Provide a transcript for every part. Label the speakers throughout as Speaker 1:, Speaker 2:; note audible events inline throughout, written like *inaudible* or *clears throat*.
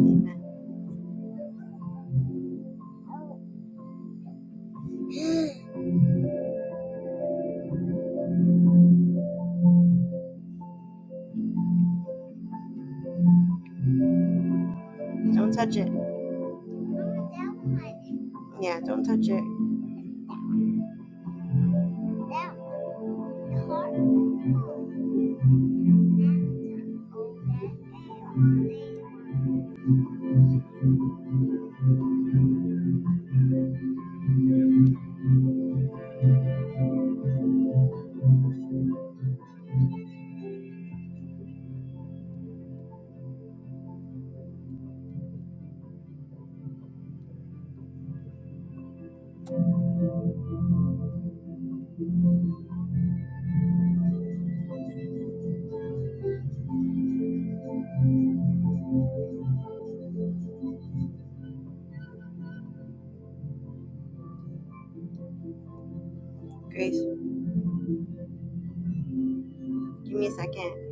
Speaker 1: Amen. Don't touch it. Yeah, don't touch it. Grace, give me a second.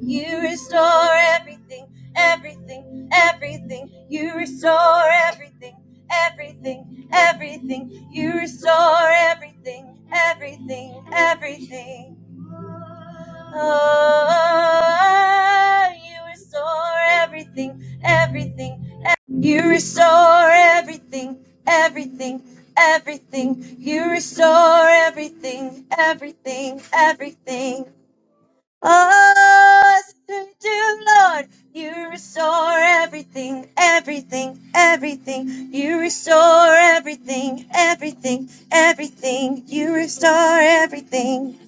Speaker 1: You restore everything, everything, everything. You restore everything, everything, everything. You restore everything, everything, everything. Oh, you restore everything, everything You restore everything, everything, everything. You restore everything, everything, everything. Oh, to do, Lord. You restore everything, everything, everything. You restore everything, everything, everything. You restore everything.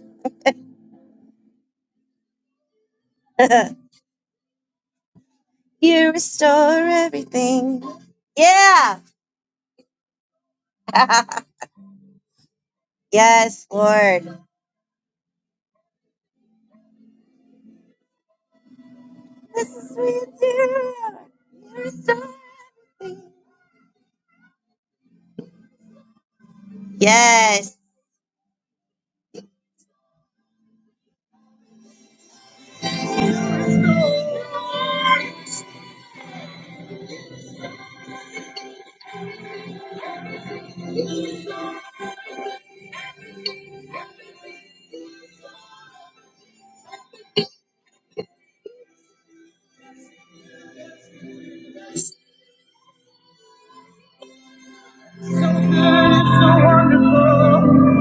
Speaker 1: *laughs* you restore everything. Yeah. *laughs* yes, Lord. This is sweet dear. You're so everything. Yes. So wonderful,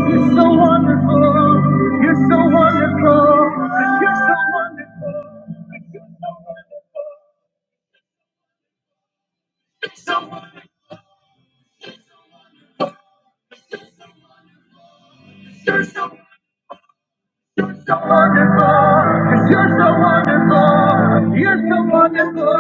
Speaker 1: you're so wonderful, you're so wonderful, you're so wonderful. So, you're so so wonderfulbecause you you're so wonderful, you're so wonderful.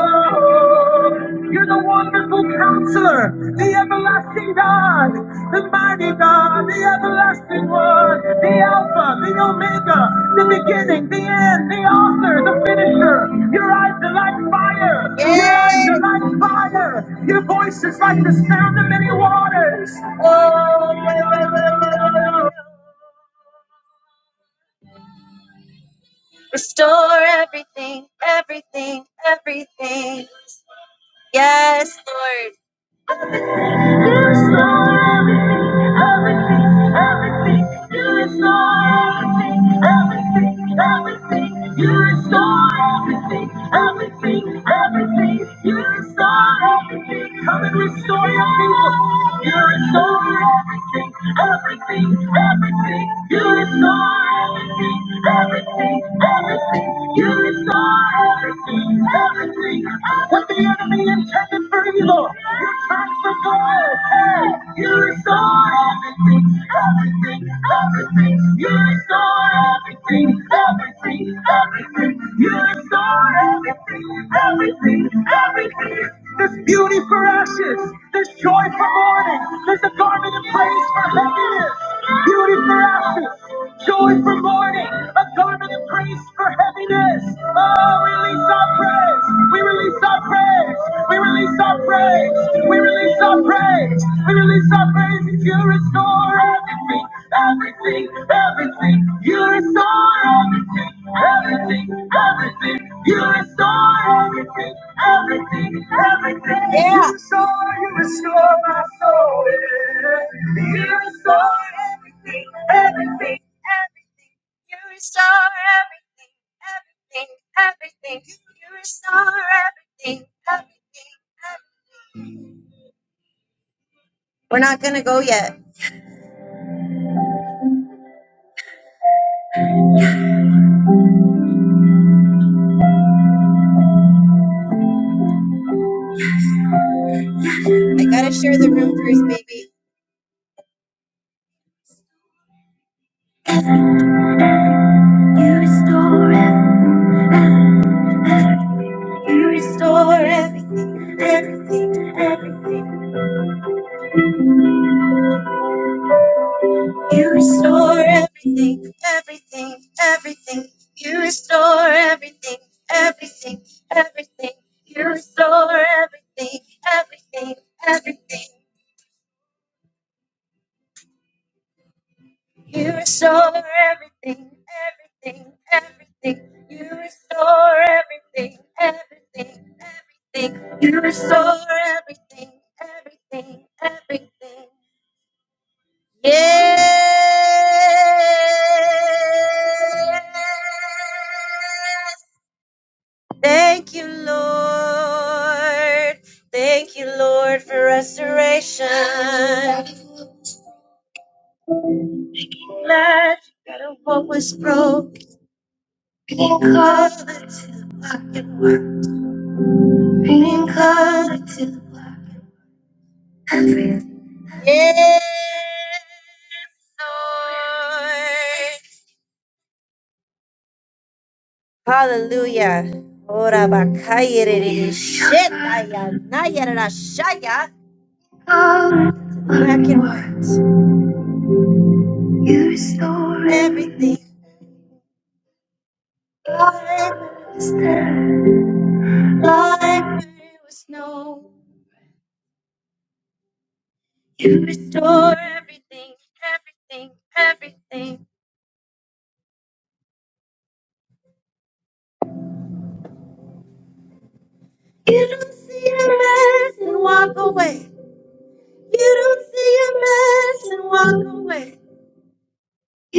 Speaker 1: You're the wonderful counselor, the everlasting God, the mighty God, the everlasting one, the Alpha, the Omega, the beginning, the end, the author, the finisher. Your eyes are like fire, your eyes are like fire, your voice is like the sound of many waters. Oh, yeah, yeah. Restore everything, everything, everything. Yes, Lord. You Restore everything, everything, everything. everything, everything, everything. everything, You restore everything, everything. everything. You You You restore restore restore restore Come and restore your people. You restore everything, everything, everything. You restore everything, everything, everything. You restore everything, everything. What the enemy intended for evil, you turn for good. Hey, you restore everything, everything, everything. You restore everything, everything, everything. You restore everything, everything, everything. There's beauty for ashes. There's joy for mourning. There's a garment of praise for heaviness. Beauty for ashes. Joy for mourning. A garment of praise for heaviness. Oh, we release our praise. We release our praise. We release our praise. We release our praise. We release our praise. If you restore everything, everything, everything. You restore everything, everything, everything. You restore everything, everything, everything. Yeah. You restore, you restore my soul. yeah. You restore everything, everything, everything. You restore everything, everything, everything. You restore everything, everything, everything. We're not gonna go yet. You restore everything, everything, everything. You restore everything, everything, everything. You restore everything, everything, everything. You restore everything, everything, everything. You restore everything, everything, everything. You restore everything, everything, everything. Restore everything, everything, everything. Yeah. Thank you, Lord. Thank you, Lord, for restoration. Glad you got of what was broken. Yes, Lord. Hallelujah. Ora bakayerere shetaya nayerera shaya. You restore everything. Life is there. Life it was no. You restore everything, everything, everything. You don't see a mess and walk away. You don't see a mess and walk away.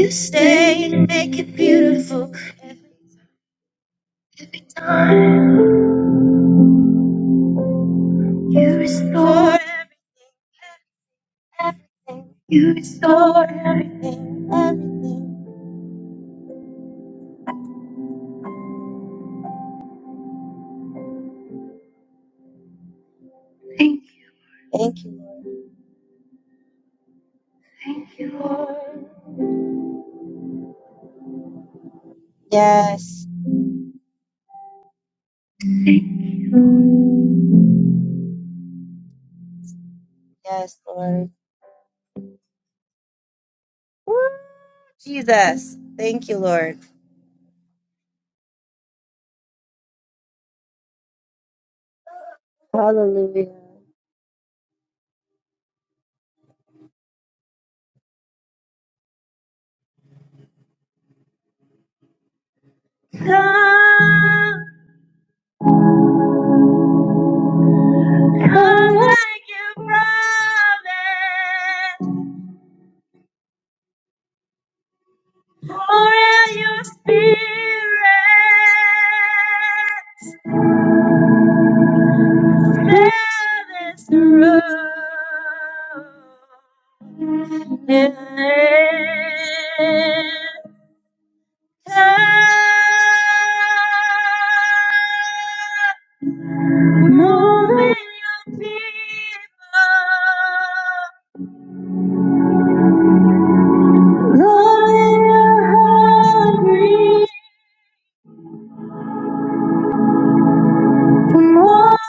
Speaker 1: Stay and make it beautiful. Restore everything. Everything. Restore everything. Everything. Thank you. Lord. Yes. Yes, Lord. Jesus. Thank you, Lord. Come pour out your spirit. There is room in heaven. Moving your people, Lord, when you're hungry for us.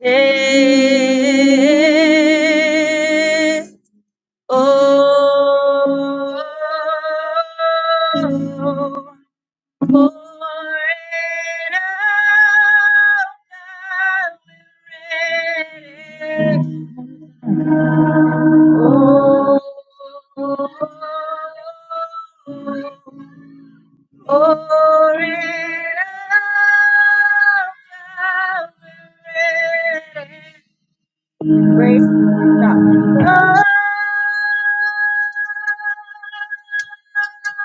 Speaker 1: Yeah. Oh, for an hour we're ready. Oh, for an hour we're ready.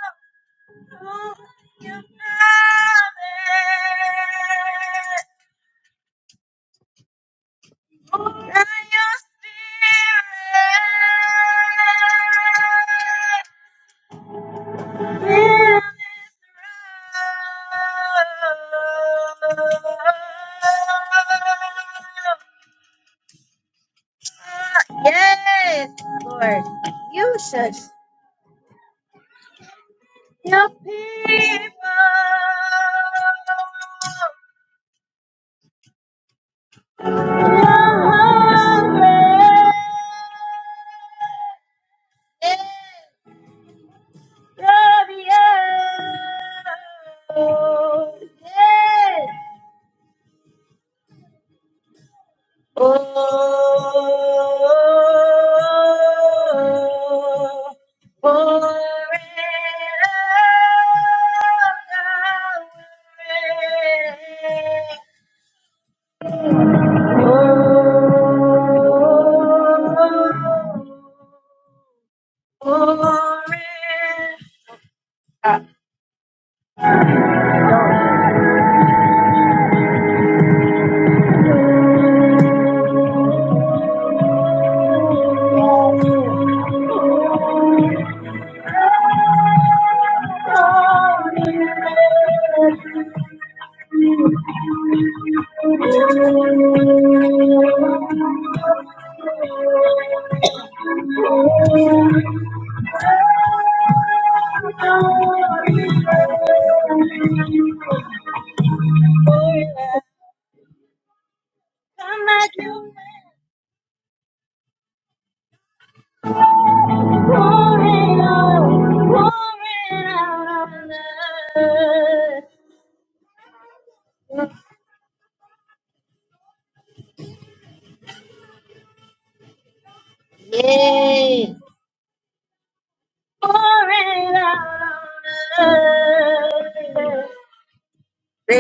Speaker 1: Oh, Yes, Lord, you should help people. who are hungry.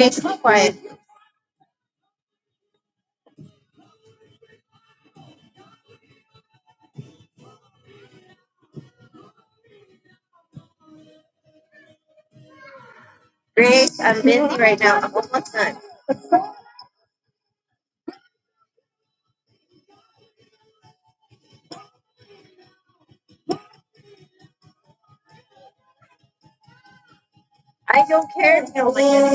Speaker 1: Grace, be quiet. Grace, I'm busy right now. I'm almost done. I don't care if you don't like this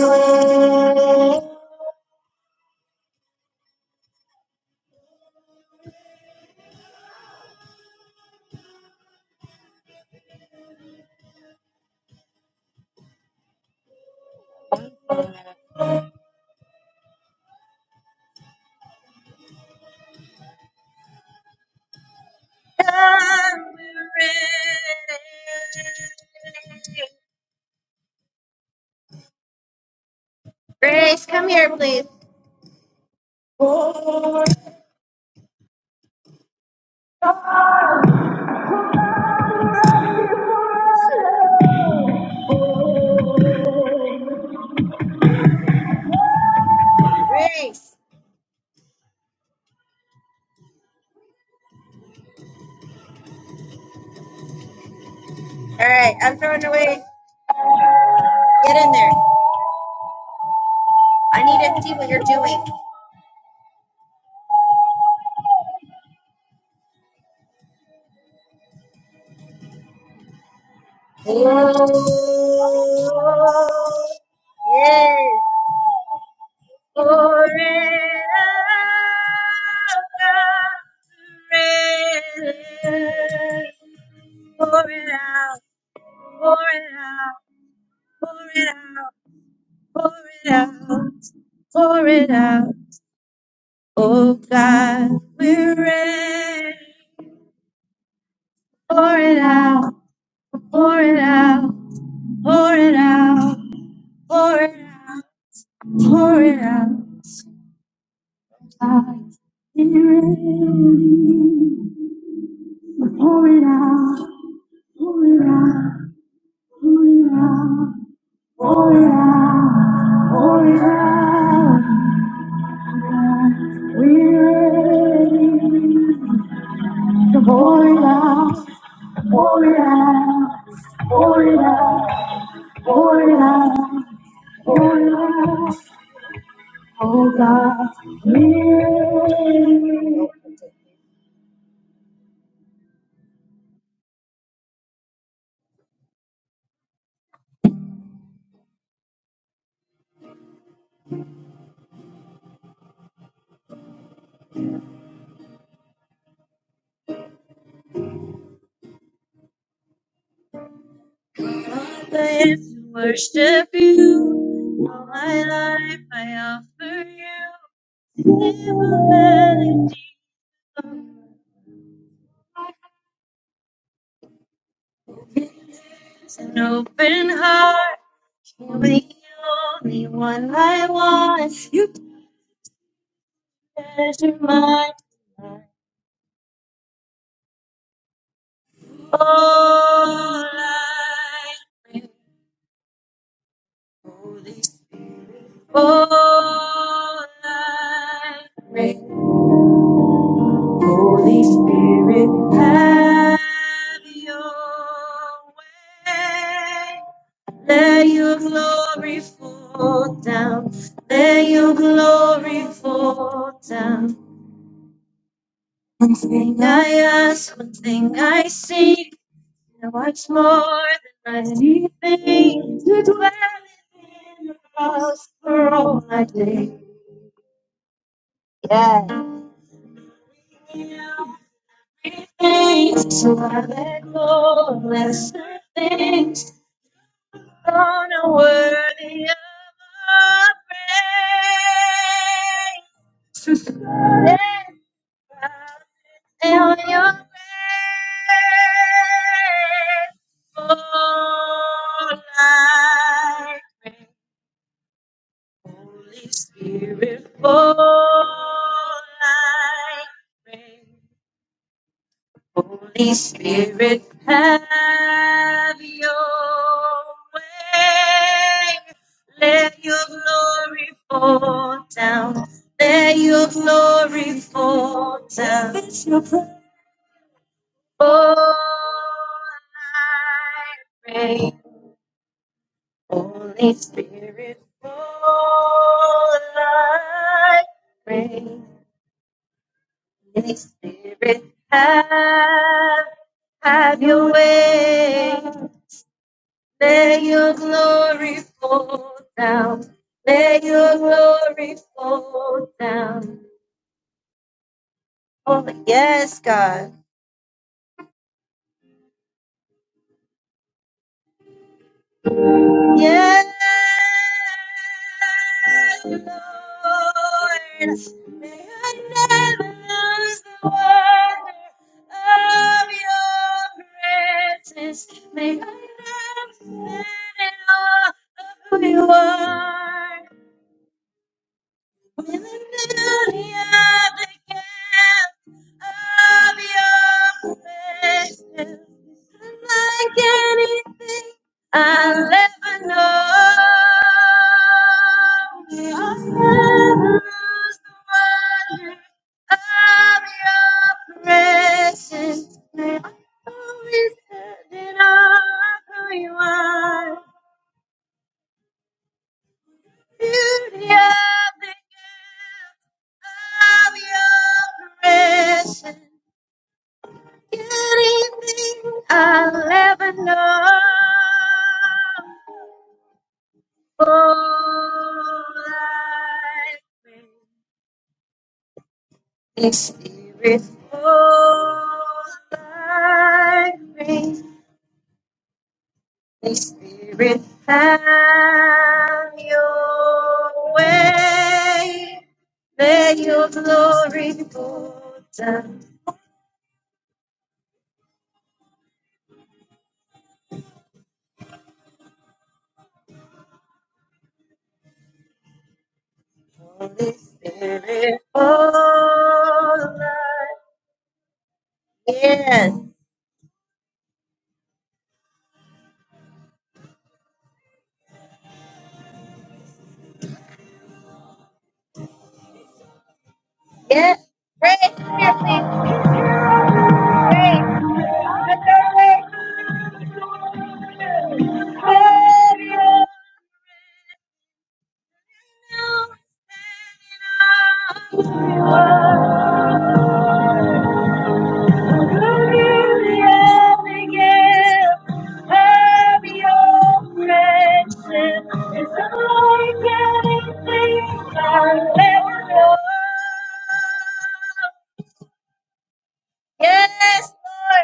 Speaker 1: Grace, come here, please. Grace. All right, I'm throwing away. Get in there. I need to see what you're doing. Oh, yes. Pour it out. Pour it out, pour it out, pour it out, pour it out. Oh God, we're ready. Pour it out, pour it out, pour it out, pour it out, pour it out. God, we're ready. Pour it out, pour it out, pour it out, pour it out, pour it out. God, we're ready. Pour it out, pour it out, pour it out, pour it out, pour it out. Father, it's to worship you. All my life I offer you. Immortality, Jesus, an open heart. You're the only one I want. You treasure my life. all I bring, Holy All I pray, Holy Spirit, have your way. Let your glory fall down. Let your glory fall down. One thing I ask, one thing I seek, and much more than I need things to dwell in the house for all my days. Give Thanks, my Lord, bless the things on a worthy of our praise. Stand proud And on your praise. Fall like rain, Holy Spirit, fall like rain. Holy Spirit, have your way. Let your glory fall down. Let your glory fall down. It's your prayer. Oh, I pray. Holy Spirit, fall. I pray. Holy Spirit, have have your way. May your glory fall down. May your glory fall down. Oh, yes, God. Yes, Lord. May I never lose the wonder of your presence. May I never forget all of who you are. When the the beauty of of gift of Your presence is unlike anything I'll ever know. May I never lose the wonder of your presence. May I always stand in awe of who you are beauty of the of your presence. Anything I'll ever know. Full life makes spirit full life brings spirit have your way. May your glory fall down. Holy Spirit, all I- Yes, yes. Praise Spirit, please. Yes, Lord.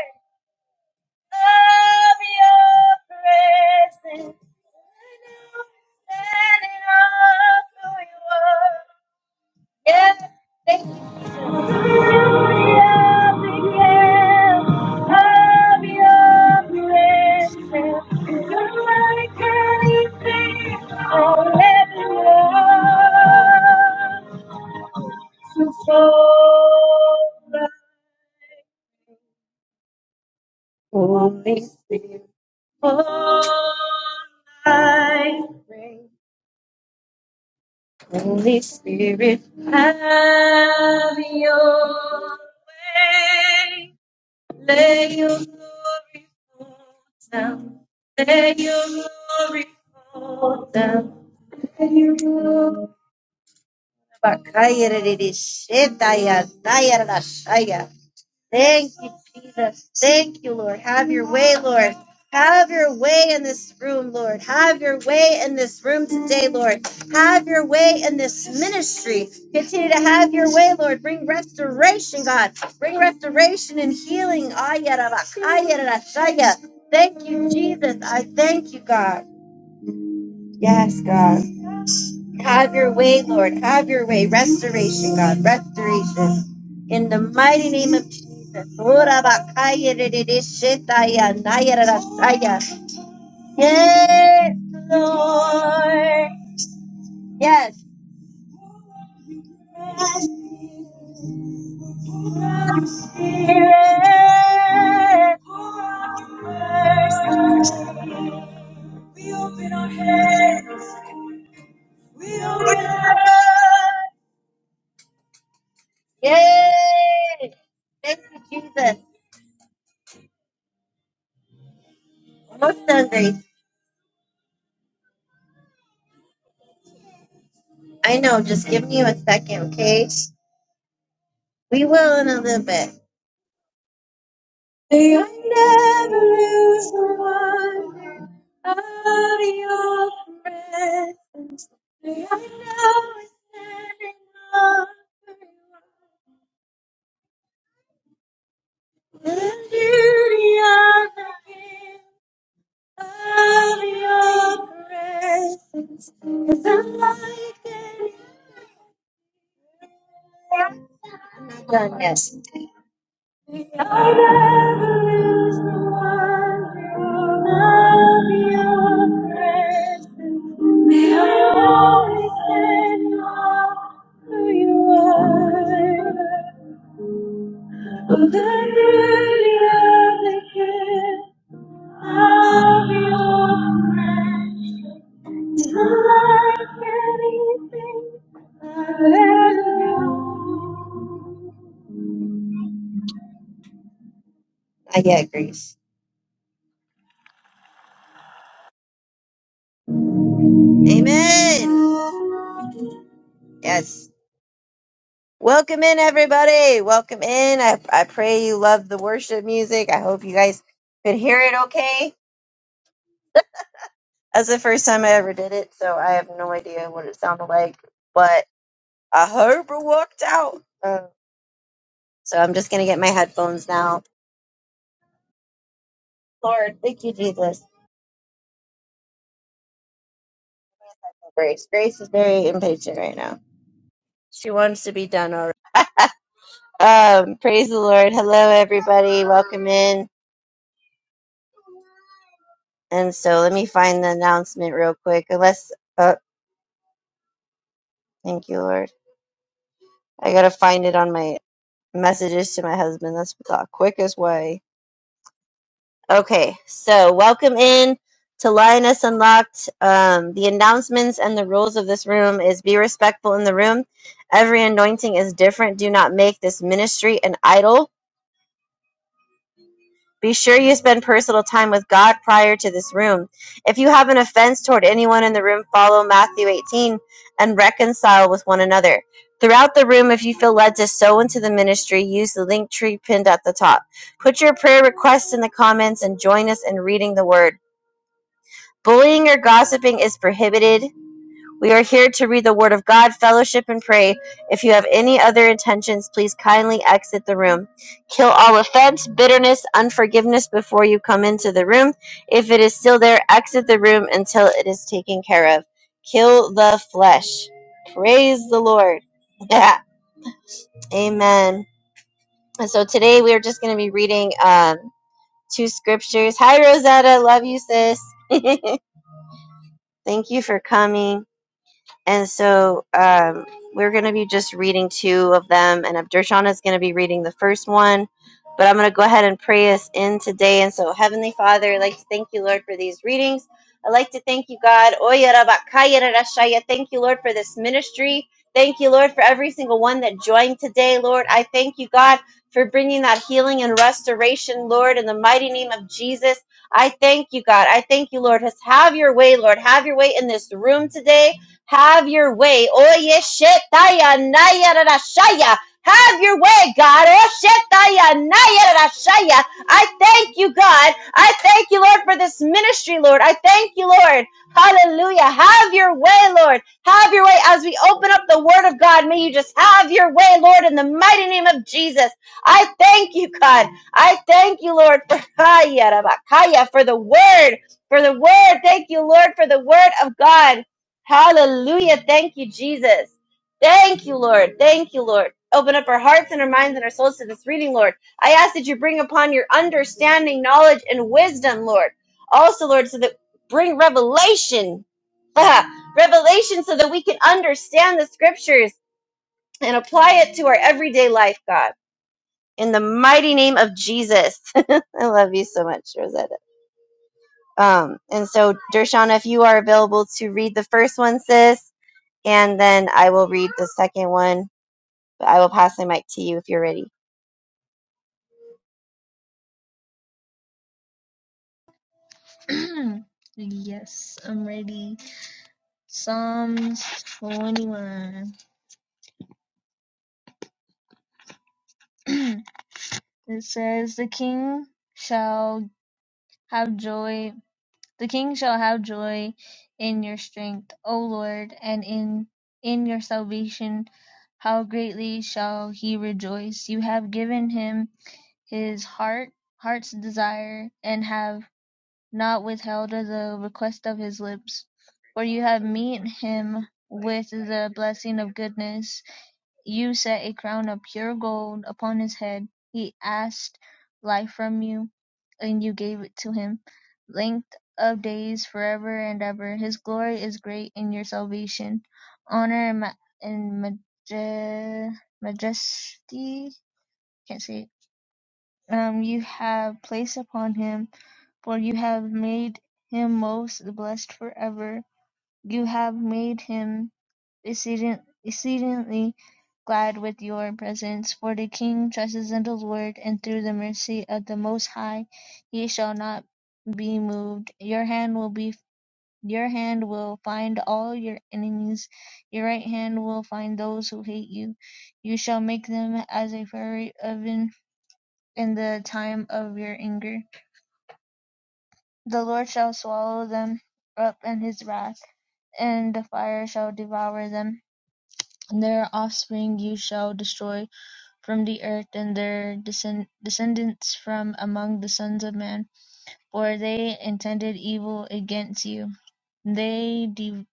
Speaker 1: of your presence. Standing up who you are. Yes, thank you. Hallelujah, because of your presence. Nobody can sing or everyone to fall. Holy Spirit, have your way. Let your glory fall down. Let your glory fall down. Let your glory. fall down. Thank you, Jesus. Thank you, Lord. Have your way, Lord. Have your way in this room, Lord. Have your way in this room today, Lord. Have your way in this ministry. Continue to have your way, Lord. Bring restoration, God. Bring restoration and healing. Ayarabakayarashaya. Thank you, Jesus. I thank you, God. Yes, God. Have your way, Lord. Have your way. Restoration, God. Restoration. Yes, Lord. Yes. Yay! Thank you, Jesus. Almost done, Grace. I know, just give me a second, okay? We will in a little bit. May I never lose the wonder of your presence. Goodness. of the lily of the field, of your grace. the lightning, Hallelujah. Not yet, Grace. Amen. Yes. Welcome in, everybody. Welcome in. I, I pray you love the worship music. I hope you guys could hear it okay. That's the first time I ever did it, so I have no idea what it sounded like, but I hope it worked out. Uh, so I'm just going to get my headphones now. Lord, thank you, Jesus. Grace. Grace is very impatient right now. She wants to be done already. Um, praise the Lord. Hello, everybody. Welcome in. And so let me find the announcement real quick. Unless, oh, thank you, Lord. I gotta find it on my messages to my husband. That's the quickest way. Okay, so welcome in to Lioness Unlocked. Um, the announcements and the rules of this room is be respectful in the room. Every anointing is different. Do not make this ministry an idol. Be sure you spend personal time with God prior to this room. If you have an offense toward anyone in the room, follow Matthew 18 and reconcile with one another. Throughout the room, if you feel led to sow into the ministry, use the link tree pinned at the top. Put your prayer requests in the comments and join us in reading the word. Bullying or gossiping is prohibited. We are here to read the Word of God, fellowship, and pray. If you have any other intentions, please kindly exit the room. Kill all offense, bitterness, unforgiveness before you come into the room. If it is still there, exit the room until it is taken care of. Kill the flesh. Praise the Lord. *laughs* Yeah. Amen. And so today we are just going to be reading um, two scriptures. Hi, Rosetta. Love you, sis. Thank you for coming. And so um, we're going to be just reading two of them, and Abdershawn is going to be reading the first one. But I'm going to go ahead and pray us in today. And so, Heavenly Father, I'd like to thank you, Lord, for these readings. I'd like to thank you, God. Oya raba kaya Thank you, Lord, for this ministry. Thank you, Lord, for every single one that joined today, Lord. I thank you, God, for bringing that healing and restoration, Lord, in the mighty name of Jesus. I thank you, God. I thank you, Lord. Just have your way, Lord. Have your way in this room today. Have your way. Oye, shetaya, naya, rara, Have your way, God. Oh, shetaya, naya, rara, I thank you, God. I thank you, Lord, for this ministry, Lord. I thank you, Lord. Hallelujah. Have your way, Lord. Have your way. As we open up the word of God, may you just have your way, Lord, in the mighty name of Jesus. I thank you, God. I thank you, Lord, for Ay, yarabakaya, for the word, for the word. Thank you, Lord, for the word of God. Hallelujah. Thank you, Jesus. Thank you, Lord. Thank you, Lord. Open up our hearts and our minds and our souls to this reading, Lord. I ask that you bring upon your understanding, knowledge, and wisdom, Lord. Also, Lord, so that bring revelation. *laughs* Ah, revelation so that we can understand the scriptures and apply it to our everyday life, God. In the mighty name of Jesus. *laughs* I love you so much, Rosetta. Um, and so, Dershana, if you are available to read the first one, sis. And then I will read the second one, but I will pass the mic to you if you're ready.
Speaker 2: *clears throat* yes, I'm ready. Psalms 21. *clears throat* it says, The king shall have joy. The king shall have joy in your strength, O Lord, and in, in your salvation. How greatly shall he rejoice! You have given him his heart, heart's desire, and have not withheld the request of his lips. For you have meet him with the blessing of goodness. You set a crown of pure gold upon his head. He asked life from you, and you gave it to him. Length of days forever and ever. His glory is great in your salvation. Honor and, ma- and maje- majesty. Can't say it. Um, you have placed upon him for you have made him most blessed forever. You have made him exceeding, exceedingly glad with your presence. For the king trusts in the Lord, and through the mercy of the Most High, he shall not be moved. Your hand will be your hand will find all your enemies. Your right hand will find those who hate you. You shall make them as a fiery oven in the time of your anger. The Lord shall swallow them up in his wrath, and the fire shall devour them. Their offspring you shall destroy from the earth, and their descend- descendants from among the sons of men. For they intended evil against you. They de-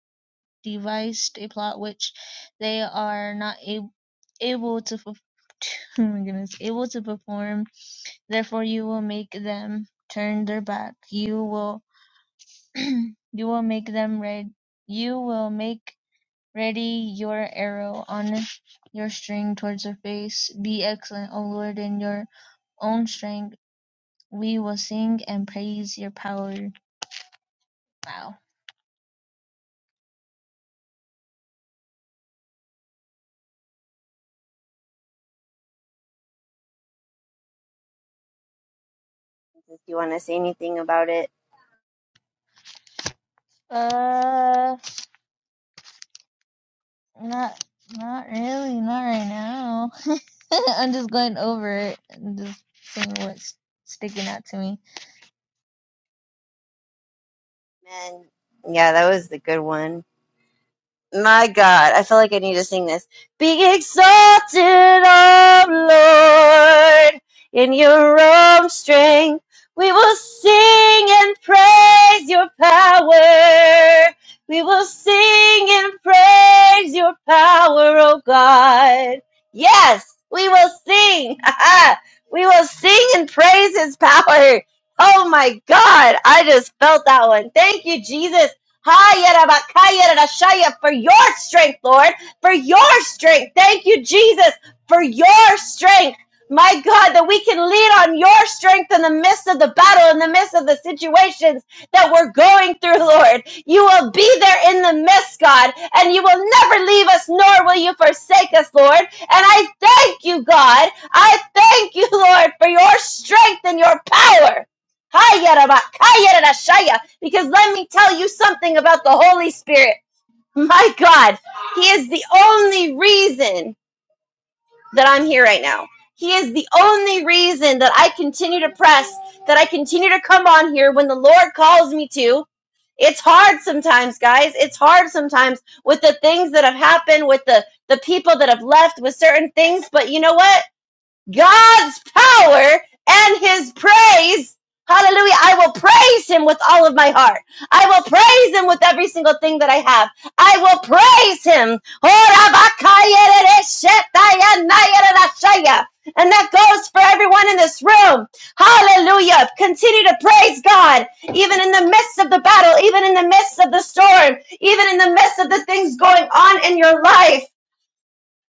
Speaker 2: devised a plot which they are not ab- able to fulfill. *laughs* Oh my goodness, able to perform, therefore you will make them turn their back. You will *clears throat* you will make them red you will make ready your arrow on your string towards their face. Be excellent, O Lord, in your own strength. We will sing and praise your power. Wow.
Speaker 1: If you want to say anything about it.
Speaker 2: Uh not not really, not right now. *laughs* I'm just going over it and just seeing what's sticking out to me.
Speaker 1: Man, yeah, that was the good one. My God, I feel like I need to sing this. Be exalted, O Lord, in your own strength. We will sing and praise your power. We will sing and praise your power, O God. Yes, we will sing. *laughs* we will sing and praise his power. Oh my God, I just felt that one. Thank you, Jesus. Hayarabakayarashaya, For your strength, Lord, for your strength. Thank you, Jesus, for your strength. My God, that we can lean on your strength in the midst of the battle, in the midst of the situations that we're going through, Lord. You will be there in the midst, God, and you will never leave us, nor will you forsake us, Lord. And I thank you, God. I thank you, *laughs* Lord, for your strength and your power. Hayarabakayarashaya. Because let me tell you something about the Holy Spirit. My God, He is the only reason that I'm here right now. He is the only reason that I continue to press, that I continue to come on here when the Lord calls me to. It's hard sometimes, guys. It's hard sometimes with the things that have happened, with the, the people that have left, with certain things. But you know what? God's power and his praise. Hallelujah. I will praise him with all of my heart. I will praise him with every single thing that I have. I will praise him. And that goes for everyone in this room. Hallelujah. Continue to praise God, even in the midst of the battle, even in the midst of the storm, even in the midst of the things going on in your life.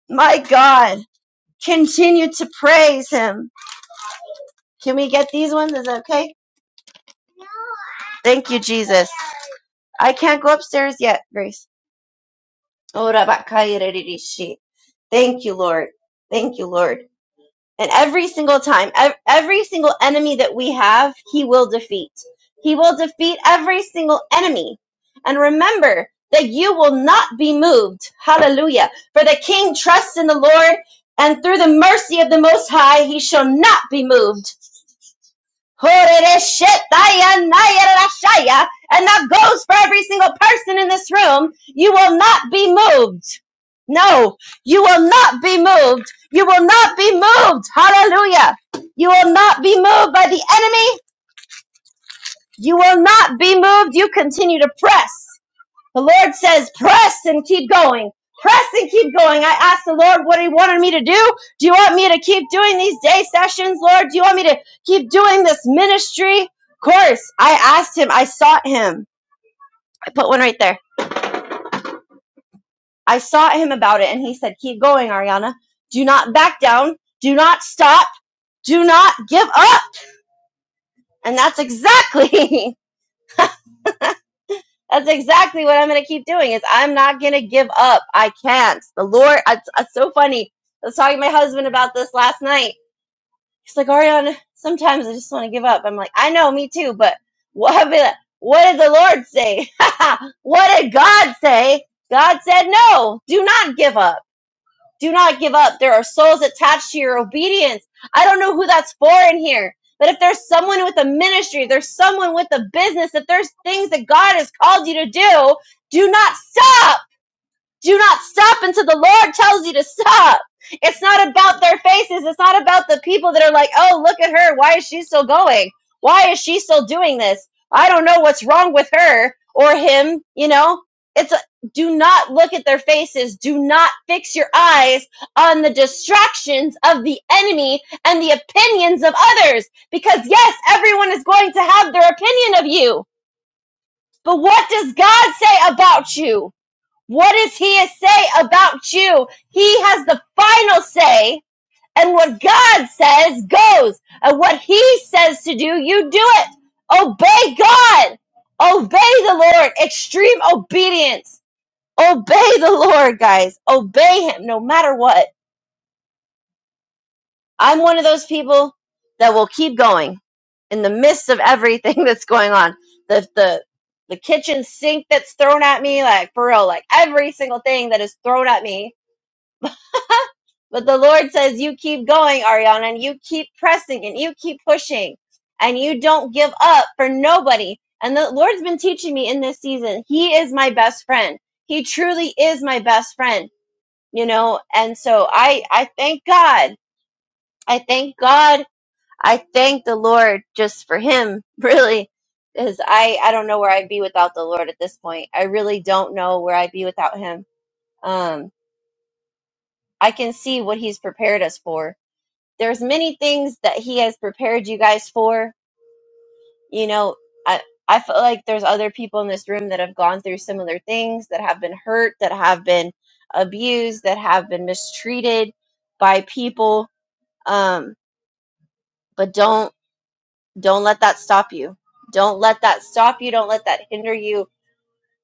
Speaker 1: My God, continue to praise him. Can we get these ones? Is that okay? Thank you, Jesus. I can't go upstairs yet, Grace. Ora bakaya reririshi. Thank you, Lord. Thank you, Lord. And every single time, ev- every single enemy that we have, He will defeat. He will defeat every single enemy. And remember that you will not be moved. Hallelujah. For the King trusts in the Lord, and through the mercy of the Most High, He shall not be moved. Horereshetayanayalarashaya. And that goes for every single person in this room. You will not be moved. No, you will not be moved. You will not be moved. Hallelujah. You will not be moved by the enemy. You will not be moved. You continue to press. The Lord says, press and keep going. Press and keep going. I asked the Lord what He wanted me to do. Do you want me to keep doing these day sessions, Lord? Do you want me to keep doing this ministry? Of course. I asked Him, I sought Him. I put one right there. I sought Him about it, and He said, Keep going, Ariana. Do not back down. Do not stop. Do not give up. And that's exactly *laughs* That's exactly what I'm going to keep doing. Is I'm not going to give up. I can't. The Lord. It's, it's so funny. I was talking to my husband about this last night. He's like, Ariana, sometimes I just want to give up. I'm like, I know, me too. But what? What did the Lord say? *laughs* what did God say? God said, no, do not give up do not give up. There are souls attached to your obedience. I don't know who that's for in here. But if there's someone with a ministry, if there's someone with a business, if there's things that God has called you to do, do not stop. Do not stop until the Lord tells you to stop. It's not about their faces. It's not about the people that are like, oh, look at her. Why is she still going? Why is she still doing this? I don't know what's wrong with her or him. You know, it's a, do not look at their faces. Do not fix your eyes on the distractions of the enemy and the opinions of others. Because yes, everyone is going to have their opinion of you. But what does God say about you? What does he say about you? He has the final say, and what God says goes. And what he says to do, you do it. Obey God. Obey the Lord. Extreme obedience. Obey the Lord, guys. Obey him no matter what. I'm one of those people that will keep going in the midst of everything *laughs* that's going on. The the the kitchen sink that's thrown at me, like for real, like every single thing that is thrown at me. But the Lord says, you keep going, Ariana, and you keep pressing and you keep pushing and you don't give up for nobody. And the Lord's been teaching me in this season, He is my best friend. He truly is my best friend, you know? And so I, I thank God. I thank God. I thank the Lord just for Him, *laughs* really. Because I, I don't know where I'd be without the Lord at this point. I really don't know where I'd be without Him. Um, I can see what He's prepared us for there's many things that he has prepared you guys for you know i i feel like there's other people in this room that have gone through similar things that have been hurt that have been abused that have been mistreated by people um but don't don't let that stop you don't let that stop you don't let that hinder you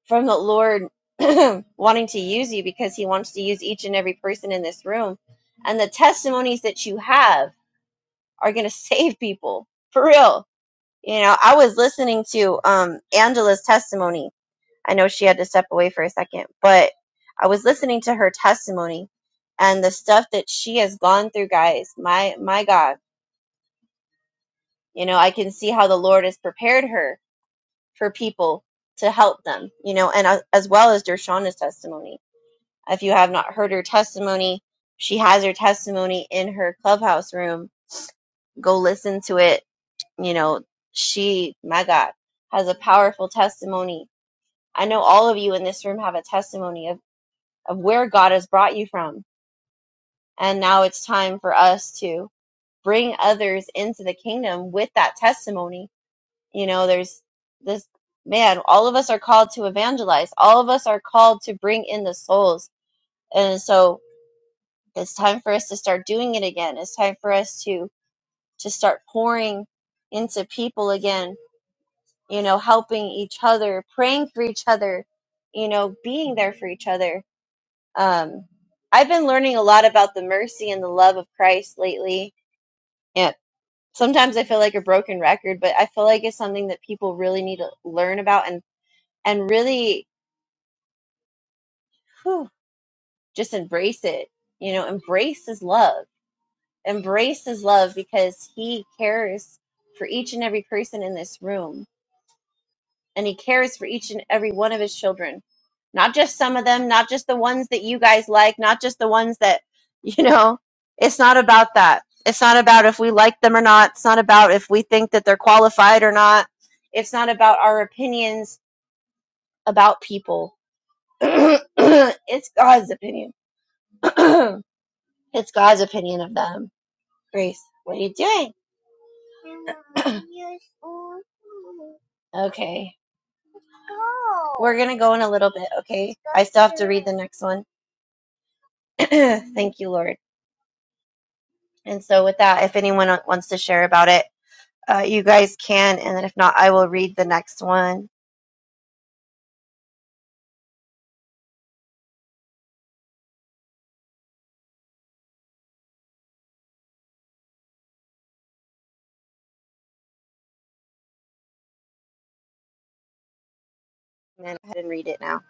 Speaker 1: from the lord *clears throat* wanting to use you because he wants to use each and every person in this room and the testimonies that you have are going to *laughs* save people for real You know, I was listening to um, Angela's testimony. I know she had to step away for a second, but I was listening to her testimony and the stuff that she has gone through, guys. My my God, you know, I can see how the Lord has prepared her for people to help them. You know, and uh, as well as Dershauna's testimony. If you have not heard her testimony, she has her testimony in her clubhouse room. Go listen to it. You know, she, my God, has a powerful testimony I know all of you in this room have a testimony of, of where God has brought you from. And now it's time for us to bring others into the kingdom with that testimony. You know, there's this man, all of us are called to evangelize, all of us are called to bring in the souls. And so it's time for us to start doing it again. It's time for us to to start pouring into people again, you know, helping each other, praying for each other, you know, being there for each other Um, I've been learning a lot about the mercy and the love of Christ lately. And sometimes I feel like a broken record, but I feel like it's something that people really need to learn about and and really whew, just embrace it. You know, embrace His love, embrace His love because He cares for each and every person in this room and he cares for each and every one of his children. Not just some of them, not just the ones that you guys like, not just the ones that, *laughs* you know, it's not about that. It's not about if we like them or not. It's not about if we think that they're qualified or not. It's not about our opinions about people. *clears throat* it's God's opinion. *clears throat* it's God's opinion of them. Grace, what are you doing? Okay. We're going to go in a little bit, okay? I still have the next one. *clears throat* Thank you, Lord. And so, with that, if anyone wants to share about it, uh, you guys can. And then, if not, I will read the next one. And then go ahead and read it now.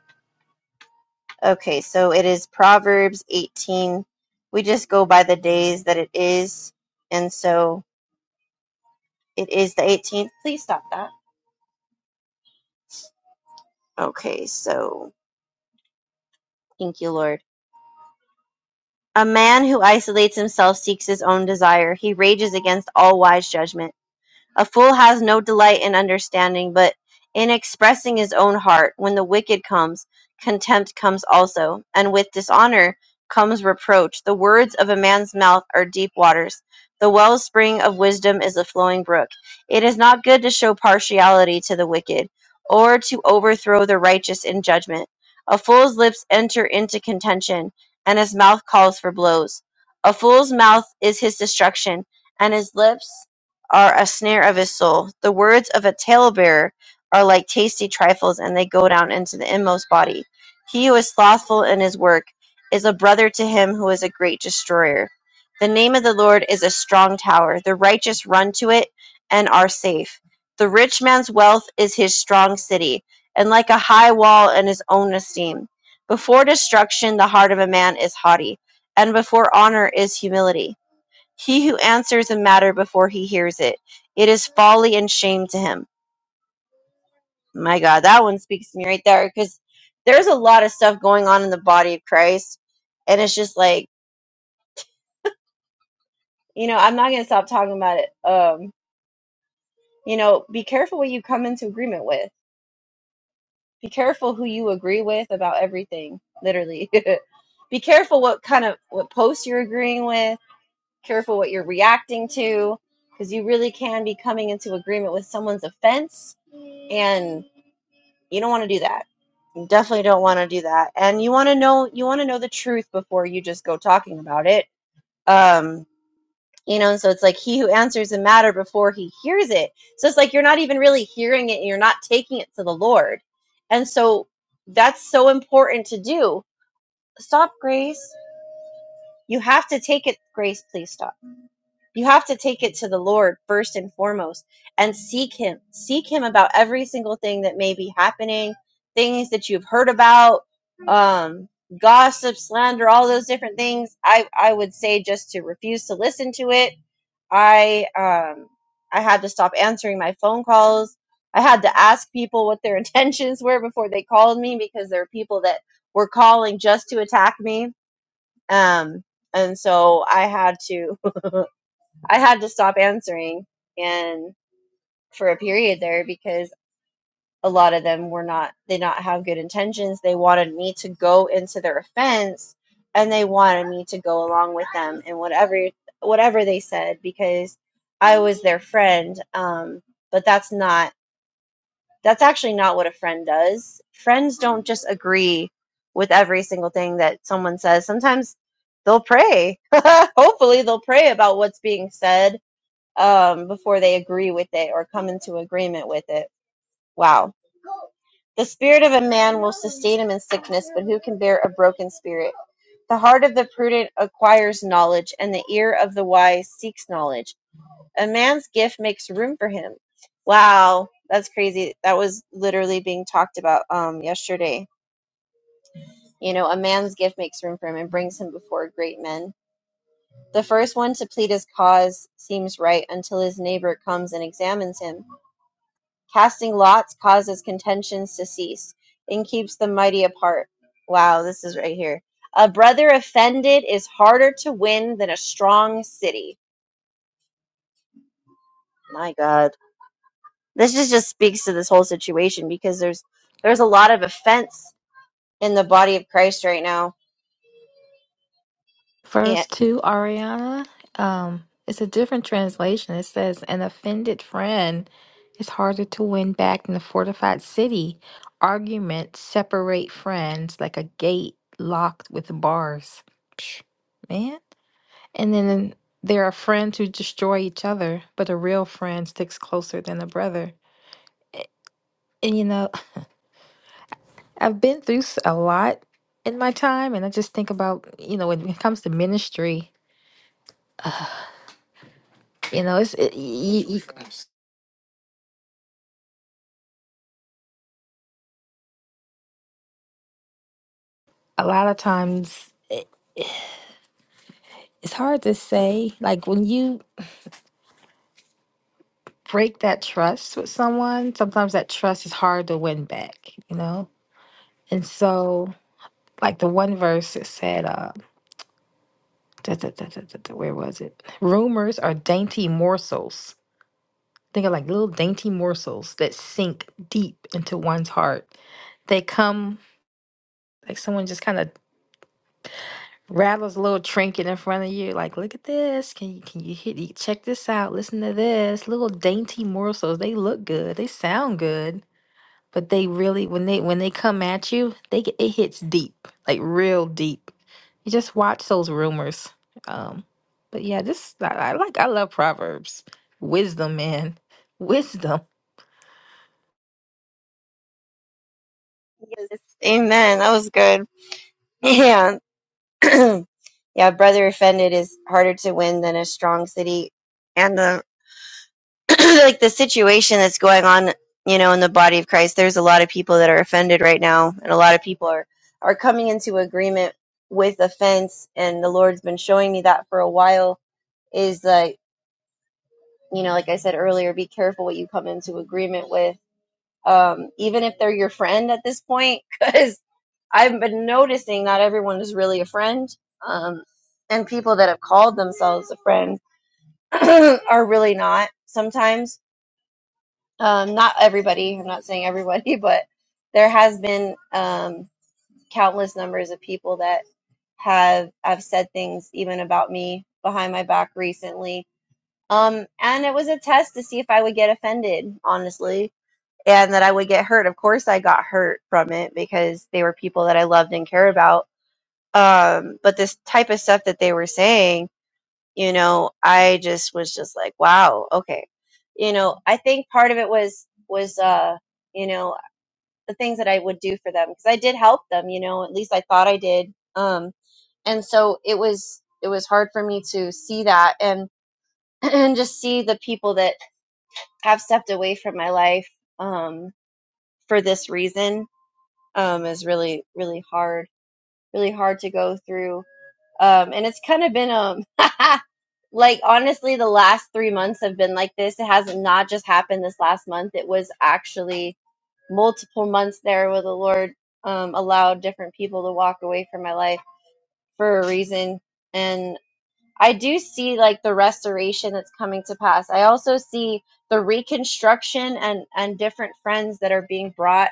Speaker 1: Okay, so it is Proverbs 18. We just go by the days that it is. And so, it is the 18th. Please stop that. Okay, so thank you, Lord. A man who isolates himself seeks his own desire. He rages against all wise judgment. A fool has no delight in understanding, but in expressing his own heart. When the wicked comes, contempt comes also, and with dishonor comes reproach. The words of a man's mouth are deep waters. The wellspring of wisdom is a flowing brook. It is not good to show partiality to the wicked, or to overthrow the righteous in judgment. A fool's lips enter into contention, and his mouth calls for blows. A fool's mouth is his destruction, and his lips are a snare of his soul. The words of a talebearer are like tasty trifles, and they go down into the inmost body. He who is slothful in his work is a brother to him who is a great destroyer. The name of the Lord is a strong tower. The righteous run to it and are safe. The rich man's wealth is his strong city, and like a high wall in his own esteem. Before destruction, the heart of a man is haughty, and before honor is humility. He who answers a matter before he hears it, it is folly and shame to him. My God, that one speaks to me right there because there's a lot of stuff going on in the body of Christ, and it's just like you know I'm not gonna stop talking about it. Um, you know, be careful what you come into agreement with. Be careful who you agree with about everything. Literally, *laughs* be careful what kind of what posts you're agreeing with. Careful what you're reacting to, because you really can be coming into agreement with someone's offense and You don't want to do that. You definitely don't want to do that. And you want to know you want to know the truth before you just go talking about it. Um, you know, and so it's like he who answers the matter before he hears it. So it's like you're not even really hearing it and you're not taking it to the Lord. And so that's so important to do. Stop, Grace. You have to take it, Grace, please stop You have to take it to the Lord first and foremost and seek Him. Seek Him about every single thing that may be happening, things that you've heard about, um, gossip, slander, all those different things. I, I would say just to refuse to listen to it. I um, I had to stop answering my phone calls. I had to ask people what their *laughs* intentions were before they called me because there are people that were calling just to attack me. Um, and so I had to I had to stop answering and for a period there because a lot of them were not they did not have good intentions. They wanted me to go into their offense and they wanted me to go along with them and whatever whatever they said because I was their friend. Um, but that's not that's actually not what a friend does. Friends don't just agree with every single thing that someone says. Sometimes they'll pray. *laughs* Hopefully they'll pray about what's being said um, before they agree with it or come into agreement with it. Wow. The spirit of a man will sustain him in sickness, but who can bear a broken spirit? The heart of the prudent acquires knowledge, and the ear of the wise seeks knowledge. A man's gift makes room for him. Wow, that's crazy. That was literally being talked about um, yesterday. You know, a man's gift makes room for him and brings him before great men. The first one to plead his cause seems right until his neighbor comes and examines him. Casting lots causes contentions to cease and keeps the mighty apart. Wow, this is right here. A brother offended is harder to win than a strong city. My God. This just, just speaks to this whole situation because there's there's a lot of offense in the body of Christ right now. Yeah.
Speaker 3: Verse 2, Ariana, um, it's a different translation. It says, An offended friend is harder to win back than a fortified city. Arguments separate friends like a gate locked with bars. Psh, man. And then there are friends who destroy each other, but a real friend sticks closer than a brother. A- And, you know, *laughs* I've been through s- a lot in my time, and I just think about, you know, when it comes to ministry, you know, it's it, a lot of times it, it's hard to say. Like when you break that trust with someone, sometimes that trust is hard to win back, you know? And so, like the one verse it said, uh, da, da, da, da, da, da, where was it? Rumors are dainty morsels. Think of like little dainty morsels that sink deep into one's heart. They come like someone just kind of Rattles a little trinket in front of you, like, look at this. Can you can you hit you check this out? Listen to this. Little dainty morsels. They look good. They sound good. But they really when they when they come at you, they get it hits deep, like real deep. You just watch those rumors. Um, but yeah, this I, I like I love Proverbs. Wisdom, man. *laughs* Wisdom.
Speaker 1: Yes. Amen. That was good. *laughs* Yeah. *clears throat* yeah, brother offended is harder to win than a strong city. and the. *clears throat* like the situation that's going on, you know, in the body of Christ, there's a lot of people that are offended right now, and a lot of people are are coming into agreement with offense. And the Lord's been showing me that for a while. Is like, you know, like I said earlier, be careful what you come into agreement with, um, even if they're your friend at this point, *laughs* because I've been noticing not everyone is really a friend, um, and people that have called themselves a friend *clears throat* are really not sometimes um, not everybody, I'm not saying everybody, *laughs* but there has been um, countless numbers of people that have have said things even about me behind my back recently. Um, and it was a test to see if I would get offended, honestly, and that I would get hurt. Of course, I got hurt from it because they were people that I loved and cared about. Um, but this type of stuff that they were saying you know i just was just like wow okay you know i think part of it was was uh you know the things that i would do for them because i did help them you know at least i thought i did um and so it was it was hard for me to see that and *clears throat* and just see the people that have stepped away from my life um for this reason um is really really hard really hard to go through um and it's kind of been um *laughs* like honestly the last three months have been like this it has not just happened this last month it was actually multiple months there where the lord um, allowed different people to walk away from my life for a reason and i do see like the restoration that's coming to pass i also see the reconstruction and and different friends that are being brought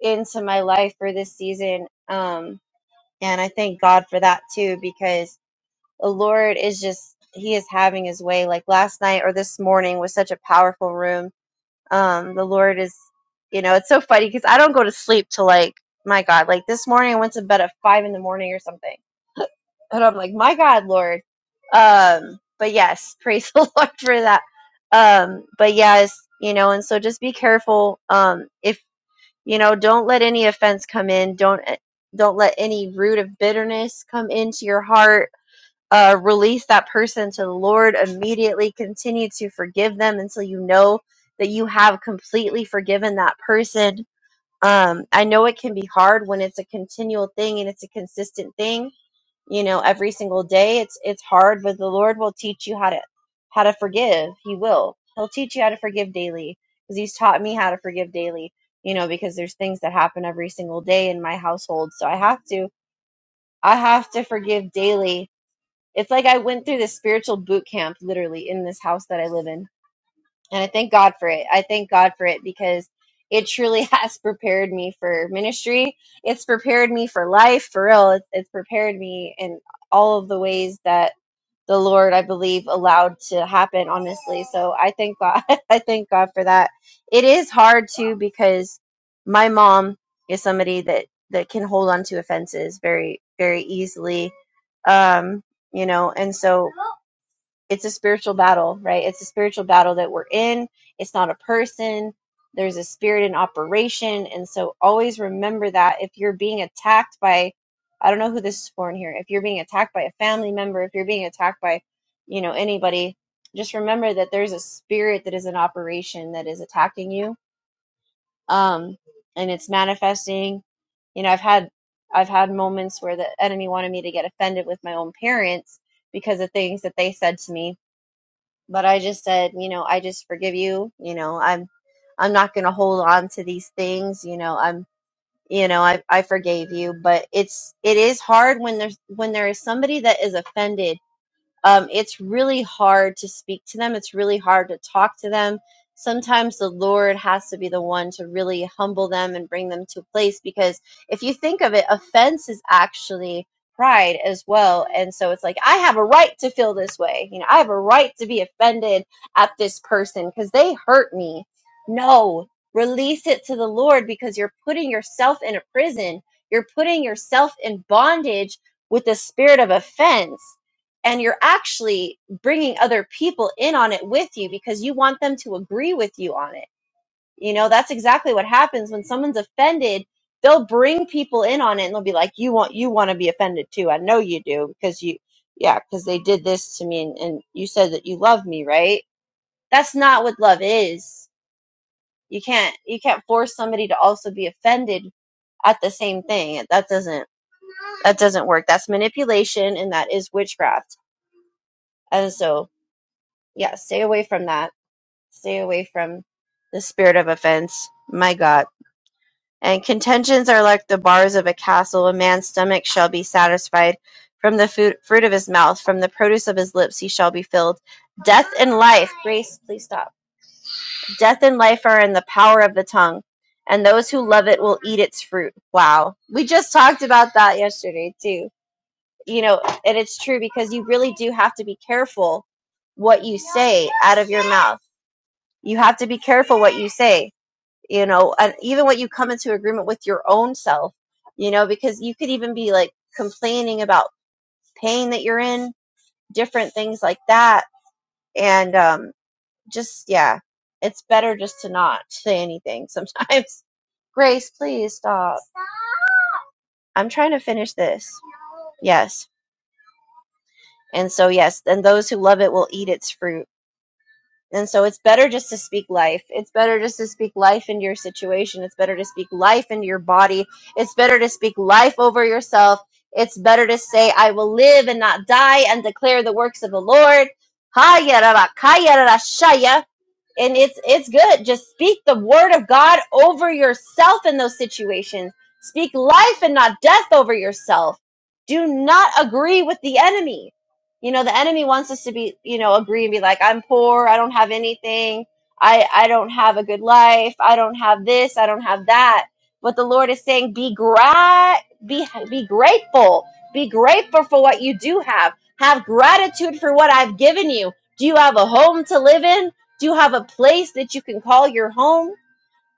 Speaker 1: into my life for this season um and i thank god for that too because the Lord is just he is having his way like last night or this morning was such a powerful room. Um the Lord is you know, it's so funny because I don't go to sleep till like my God, like this morning I went to bed at five in the morning or something. And I'm like, My God, Lord. Um, but yes, praise *laughs* the Lord for that. Um, but yes, you know, and so just be careful. Um, if you know, don't let any offense come in, don't eh, don't let any root of bitterness come into your heart uh, release that person to the Lord immediately. Continue to forgive them until you know that you have completely forgiven that person. Um, I know it can be hard when it's a continual thing and it's a consistent thing. You know, every single day, it's it's hard, but the Lord will teach you how to how to forgive. He will. He'll teach you how to forgive daily because He's taught me how to forgive daily. You know, because there's things that happen every single day in my household, so I have to I have to forgive daily it's like I went through this spiritual boot camp literally in this house that I live in. And I thank God for it. I thank God for it because it truly *laughs* has prepared me for ministry. It's prepared me for life, for real. It's, it's prepared me in all of the ways that the Lord, I believe, allowed to happen, honestly. So I thank God. *laughs* I thank God for that. It is hard too because my mom is somebody that that can hold on to offenses very very easily. Um, you know, and so it's a spiritual battle, right? It's a spiritual battle that we're in. It's not a person. There's a spirit in operation. And so always remember that if you're being attacked by, I don't know who this is for in here, if you're being attacked by a family member, if you're being attacked by, you know, anybody, just remember that there's a spirit that is in operation that is attacking you. Um, and it's manifesting. You know, I've had I've had moments where the enemy wanted me to get offended with my own parents because of things that they said to me but I just said, you know, I just forgive you. You know, I'm I'm not going to hold on to these things. You know, I'm you know, I I forgave you, but it's it is hard when there's when there is somebody that is offended um, it's really hard to speak to them. It's really hard to talk to them. Sometimes the Lord has to be the one to really humble them and bring them to a place because if you think of it, offense is actually pride as well. And so it's like, I have a right to feel this way. You know, I have a right to be offended at this person because they hurt me. No, release it to the Lord because you're putting yourself in a prison. You're putting yourself in bondage with the spirit of offense and you're actually bringing other people in on it with you because you want them to agree with you on it. You know, that's exactly what happens when someone's offended. They'll bring people in on it and they'll be like, "You want you want to be offended too. I know you do because you yeah, because they did this to me and, and you said that you love me, right? That's not what love is. You can't you can't force somebody to also be offended at the same thing. That doesn't that doesn't work. That's manipulation and that is witchcraft. And so yeah, stay away from that. Stay away from the spirit of offense. My God. And contentions are like the bars of a castle. A man's stomach shall be satisfied from the food, fruit of his mouth, from the produce of his lips he shall be filled. Death and life, Grace, please stop. Death and life are in the power of the tongue, and those who love it will eat its fruit. Wow. We just talked about that yesterday, too. You know, and it's true because you really do have to be careful what you say out of your mouth you have to be careful what you say you know and even what you come into agreement with your own self you know because you could even be like complaining about pain that you're in different things like that and um just yeah it's better just to not say anything sometimes *laughs* grace please stop i'm trying to finish this yes and so yes and those who love it will eat its fruit And so it's better just to speak life. It's better just to speak life into your situation. It's better to speak life into your body. It's better to speak life over yourself. It's better to say, I will live and not die and declare the works of the Lord. Hayarabakayarashaya and it's it's good just speak the word of god over yourself in those situations speak life and not death over yourself do not agree with the enemy you know the enemy wants us to be you know agree and be like i'm poor i don't have anything i i don't have a good life i don't have this i don't have that but the lord is saying be gra- be be grateful be grateful for what you do have have gratitude for what i've given you do you have a home to live in do you have a place that you can call your home?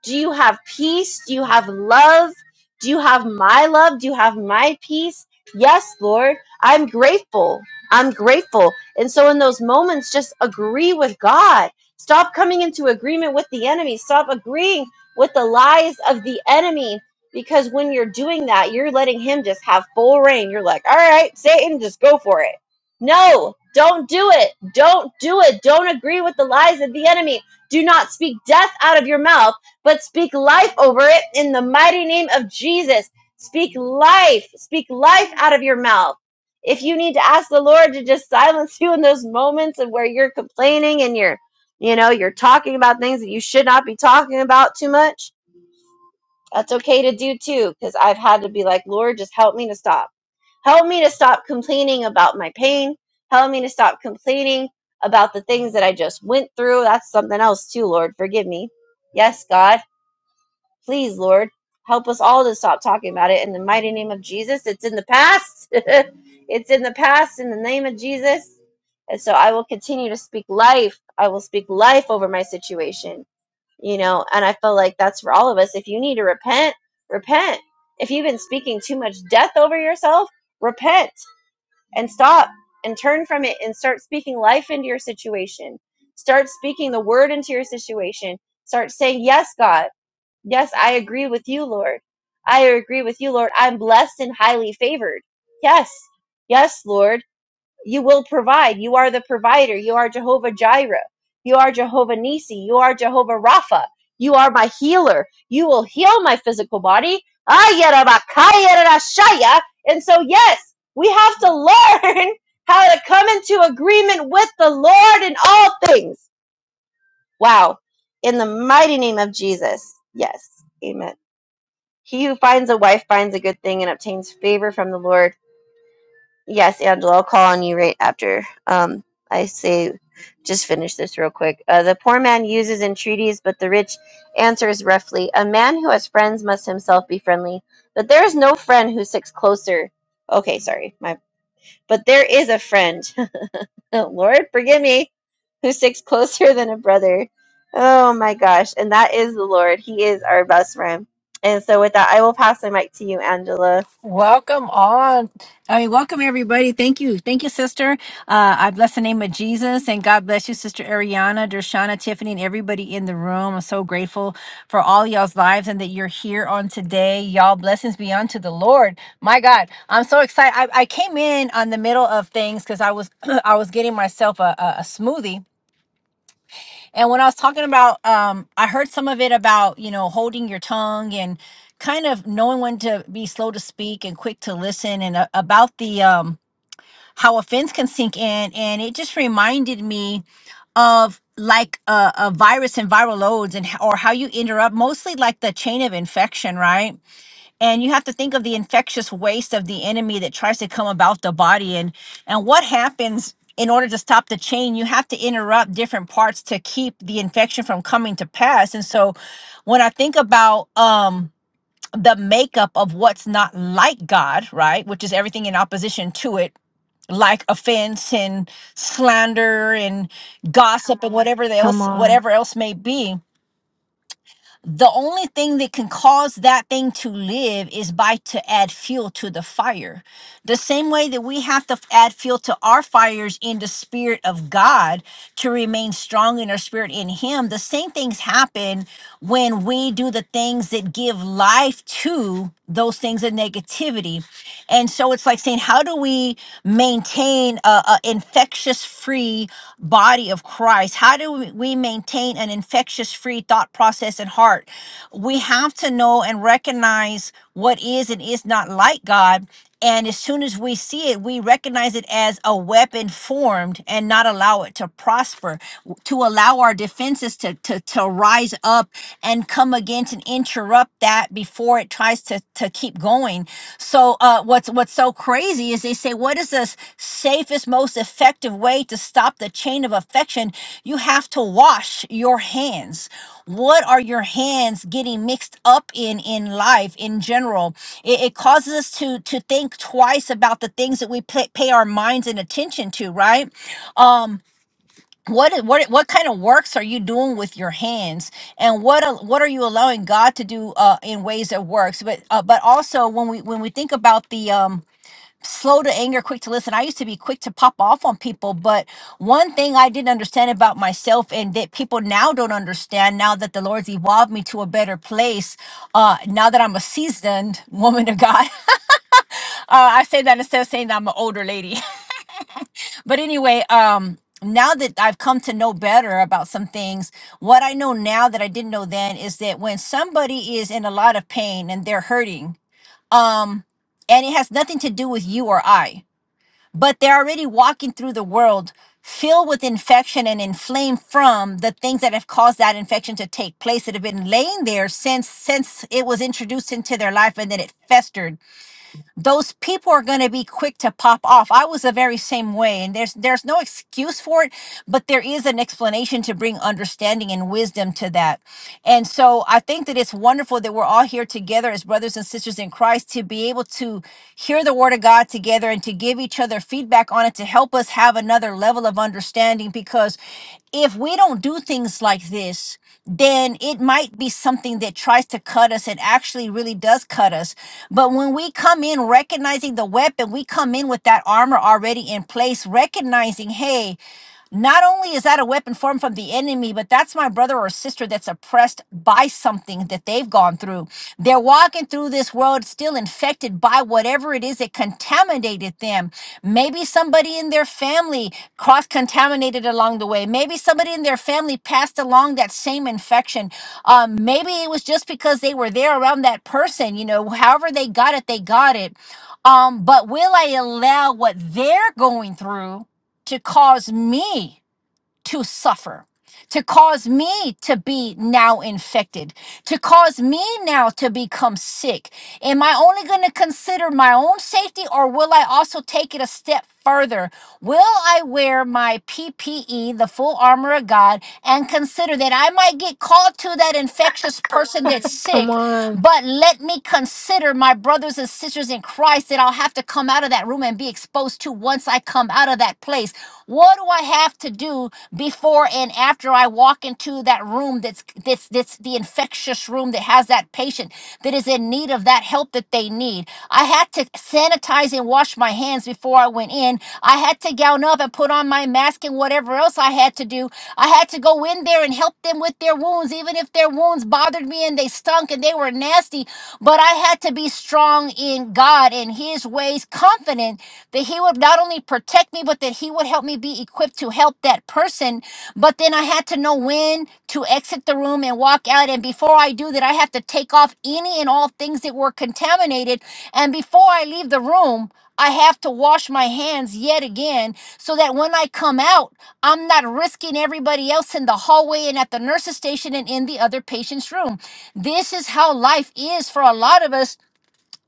Speaker 1: Do you have peace? Do you have love? Do you have my love? Do you have my peace? Yes, Lord. I'm grateful. I'm grateful. And so, in those moments, just agree with God. Stop coming into agreement with the enemy. Stop agreeing with the lies of the enemy. Because when you're doing that, you're letting him just have full reign. You're like, all right, Satan, just go for it. No, don't do it. Don't do it. Don't agree with the lies of the enemy. Do not speak death out of your mouth but speak life over it in the mighty name of Jesus. Speak life, speak life out of your mouth. If you need to ask the Lord to just silence *laughs* you in those moments of where you're complaining and you're, you know, you're talking about things that you should not be talking about too much, that's okay to do too, because I've had to be like, Lord, just help me to stop. Help me to stop complaining about my pain. Help me to stop complaining about the things that I just went through. That's something else too, Lord. Forgive me. Yes, God. Please, Lord, help us all to stop talking about it in the mighty name of Jesus. It's in the past. *laughs* it's in the past in the name of Jesus. And so I will continue to speak life. I will speak life over my situation, you know, and I feel like that's for all of us. If you need to repent, repent. If you've been speaking too much death over yourself, repent and stop and turn from it and start speaking life into your situation. Start speaking the word into your situation. Start saying, Yes, God. Yes, I agree with you, Lord. I agree with you, Lord. I'm blessed and highly favored. Yes. Yes, Lord. You will provide. You are the provider. You are Jehovah Jireh. You are Jehovah Nisi. You are Jehovah Rapha. You are my healer. You will heal my physical body. Ayarabakayarashaya. And so, yes, we have to learn *laughs* how to come into agreement with the Lord in all things. Wow. In the mighty name of Jesus. Yes. Amen. He who finds a wife finds a good thing and obtains favor from the Lord. Yes, Angela, I'll call on you right after. Um, I say, just finish this real quick. Uh, the poor man uses entreaties, but the rich answers roughly. A man who has friends must himself be friendly, but there is no friend who sticks closer. Okay, sorry, my. But there is a friend. Oh, Lord, forgive me, *laughs* who sticks closer than a brother. Oh my gosh. And that is the Lord. He is our best friend. And so with that, I will pass the mic to you, Angela.
Speaker 4: Welcome on. I mean, welcome everybody. Thank you. Thank you, sister. Uh, I bless the name of Jesus and God bless you, sister Ariana, Dershana, Tiffany, and everybody in the room. I'm so grateful for all y'all's lives and that you're here on today. Y'all blessings be unto the Lord. My God, I'm so excited. I, I came in on the middle of things because I was, *clears throat* I was getting myself a, a, a smoothie and when I was talking about, um, I heard some of it about, you know, holding your tongue and kind of knowing when to be slow to speak and quick to listen and uh, about the, um, how offense can sink in. And it just reminded me of like a, a virus and viral loads and h- or how you interrupt mostly like the chain of infection, right? and you have to think of the infectious waste of the enemy that tries to come about the body and and what happens in order to stop the chain you have to interrupt different parts to keep the infection from coming to pass and so when i think about um the makeup of what's not like god right which is everything in opposition to it like offense and slander and gossip and whatever the
Speaker 3: Come
Speaker 4: else
Speaker 3: on.
Speaker 4: whatever else may be the only thing that can cause that thing to live is by to add fuel to the fire the same way that we have to add fuel to our fires in the spirit of god to remain strong in our spirit in Him. The same things happen when we do the things that give life to those things of negativity. And so it's like saying, how do we maintain a, a infectious free body of Christ? How do we we maintain an infectious free thought process and heart? We have to know and recognize what is and is not like God and as soon as we see it, we recognize it as a weapon formed and not allow it to prosper, w- to allow our defenses to, to, to rise up and come against and interrupt that before it tries to, to keep going. So uh, what's what's so crazy is they say, what is the s- safest, most effective way to stop the chain of affection? You have to wash your hands what are your hands getting mixed up in in life in general it, it causes us to to think twice about the things that we pay, pay our minds and attention to right um what what what kind of works are you doing with your hands and what al- what are you allowing god to do uh in ways that works but uh, but also when we when we think about the um slow to anger, quick to listen. I used to be quick to pop off on people, but one thing I didn't understand about myself and that people now don't understand now that the Lord's evolved me to a better place, uh, now that I'm a seasoned woman of God. *laughs* Uh, I say that instead of saying that I'm an older lady. *laughs* But anyway, um, now that I've come to know better about some things, what I know now that I didn't know then is that when somebody is in a lot of pain and they're hurting, um, and it has nothing to do with you or I but they're already walking through the world filled with infection and inflamed from the things that have caused that infection to take place that have been laying there since since it was introduced into their life and then it festered those people are going to be quick to pop off i was the very same way and there's there's no excuse for it but there is an explanation to bring understanding and wisdom to that and so i think that it's wonderful that we're all here together as brothers and sisters in christ to be able to hear the word of god together and to give each other their feedback on it to help us have another level of understanding because if we don't do things like this, then it might be something that tries to cut us. It actually really does cut us. But when we come in recognizing the weapon, we come in with that armor already in place, recognizing, hey, not only is that a weapon formed from the enemy, but that's my brother or sister that's oppressed by something that they've gone through. They're walking through this world still infected by whatever it is that contaminated them. Maybe somebody in their family cross contaminated along the way. Maybe somebody in their family passed along that same infection. Um, maybe it was just because they were there around that person, you know, however they got it, they got it. Um, but will I allow what they're going through? to cause me to suffer, to cause me to be now infected, to cause me now to become sick? Am I only going to consider my own safety or will I also take it a step further? Will I wear my PPE, the full armor of God, and consider that I might get called to that infectious person that's
Speaker 3: Come
Speaker 4: sick?
Speaker 3: on.
Speaker 4: But let me consider my brothers and sisters in Christ that I'll have to come out of that room and be exposed to once I come out of that place. What do I have to do before and after I walk into that room that's that's that's the infectious room that has that patient that is in need of that help that they need? I had to sanitize and wash my hands before I went in. I had to gown up and put on my mask and whatever else I had to do I had to go in there and help them with their wounds, even if their wounds bothered me and they stunk and they were nasty. But I had to be strong in God and His ways, confident that He would not only protect me, but that He would help me be equipped to help that person. But then I had to know when to exit the room and walk out. And before I do that, I have to take off any and all things that were contaminated. And before I leave the room, I have to wash my hands yet again so that when I come out, I'm not risking everybody else in the hallway and at the nurse's station and in the other patient's room. This is how life is for a lot of us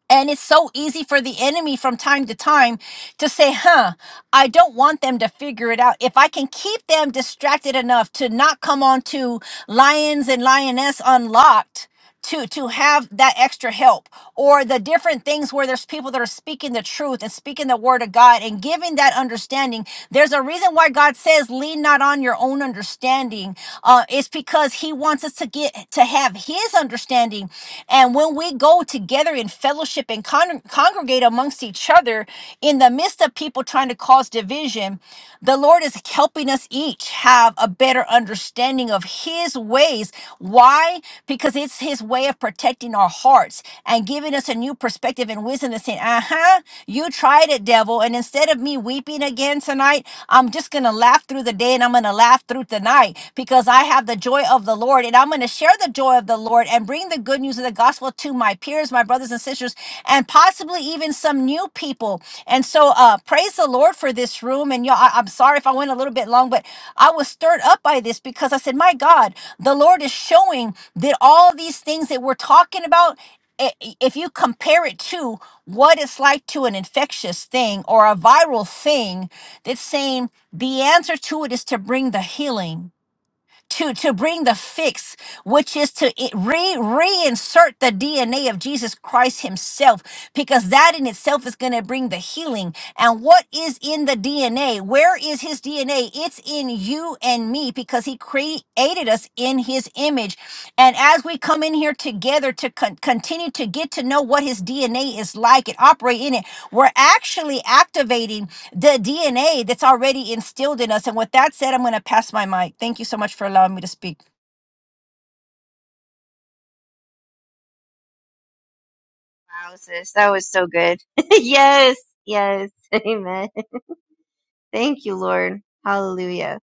Speaker 4: and it's so easy for the enemy from time to time to say, huh, I don't want them to figure it out. If I can keep them distracted enough to not come on to Lions and Lioness Unlocked to to have that extra help or the different things where there's people that are speaking the truth and speaking the word of God and giving that understanding there's a reason why God says lean not on your own understanding uh it's because he wants wants us to get to have his understanding. And when we go together in fellowship and con- congregate amongst each other in the midst of people trying to cause division, the Lord is helping us each have a better understanding of his ways. Why? Because it's his way of protecting our hearts and giving us a new perspective and wisdom and saying, thinking, uh huh, you tried it, devil. And instead of me weeping again tonight, I'm just going to laugh through the day and I'm going to laugh through tonight because I have the joy of the Lord and I'm going to share the joy of the Lord and bring the good news of the gospel to my peers, my brothers and sisters, and possibly even some new people. And so, uh, praise the Lord for this room. And y'all, I- I'm sorry if I went a little bit long, but I was stirred up by this because I said, my God, the Lord is showing that all these things that we're talking about i- i- if you compare it to what it's like to an infectious thing or a viral thing that's saying the answer to it is to bring the healing to to bring the fix which is to i- re reinsert the dna of jesus christ himself because that in itself is going to bring the healing and what is in the dna where is his dna it's in you and me because he created us in his image and as we come in here together to con- continue to get to know what his dna is like and operate in it we're actually activating the DNA that's already instilled in us. And with that said, I'm going to pass my mic. Thank you so much for allowing me to speak.
Speaker 1: Wow, sis, that was so good. *laughs* yes, yes. Amen. Thank you, Lord. Hallelujah.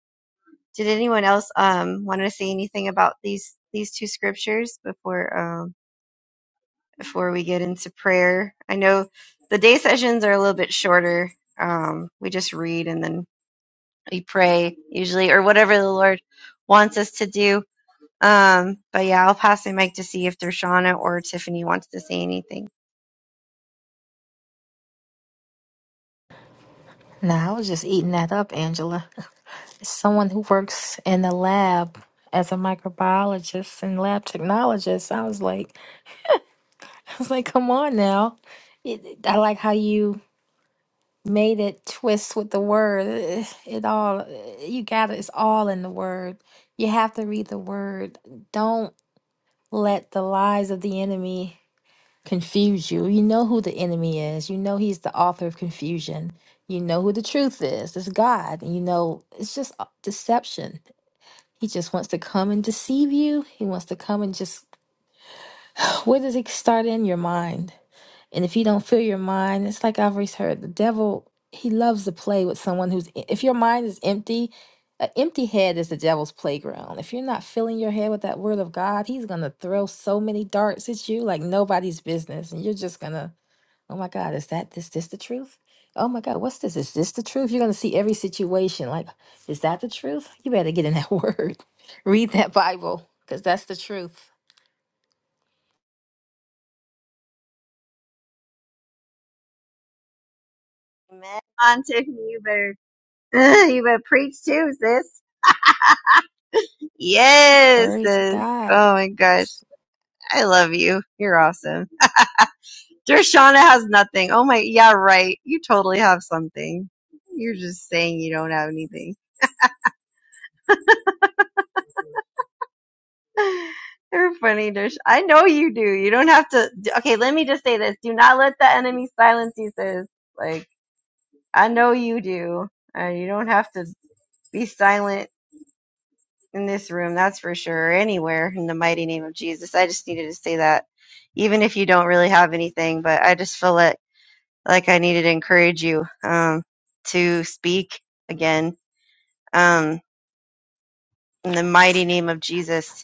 Speaker 1: Did anyone else um want to say anything about these these two scriptures before um before we get into prayer? I know the day sessions are a little bit shorter. Um, we just read and then we pray usually or whatever the Lord wants us to do. Um, but yeah, I'll pass the mic to see if Dershana or Tiffany wants to say anything.
Speaker 3: Nah, I was just eating that up, Angela. someone who works in the lab as a microbiologist and lab technologist. I was like, *laughs* I was like, come on now. It, I like how you made it twist with the word. It, it all you got it. It's all in the word. You have to read the word. Don't let the lies of the enemy confuse you. You know who the enemy is. You know he's the author of confusion. You know who the truth is. It's God. You know it's just uh, deception He just wants to come and deceive you. He wants to come and just, *laughs* where does it start in your mind? And if you don't fill your mind, it's like I've always heard the devil, he loves to play with someone who's, if your mind is empty, an empty head is the devil's playground. If you're not filling your head with that word of God, he's going to throw so many darts at you like nobody's business. And you're just going to Oh my God, is that this this the truth? Oh my God, what's this? Is this the truth? You're gonna see every situation. Like, is that the truth? You better get in that *laughs* word. Read that Bible, because that's the truth.
Speaker 1: Amen. Come On Tiffany, you better *laughs* you better preach too, sis. Yes,
Speaker 3: Glory to
Speaker 1: sis.
Speaker 3: God.
Speaker 1: Oh my gosh. I love you. You're awesome. Dershana has nothing. Oh my yeah, right. You totally have something. You're just saying you don't have anything. *laughs* You're funny, Dersh. I know you do. You don't have to. d- Okay, let me just say this. Do not let the enemy silence you, sis. Like, I know you do. Uh, you don't have to be silent in this room, that's for sure, or anywhere in the mighty name of Jesus. I just needed to say that, even if you don't really have anything, but I just feel like, like I needed to encourage you um, to speak again um, in the mighty name of Jesus.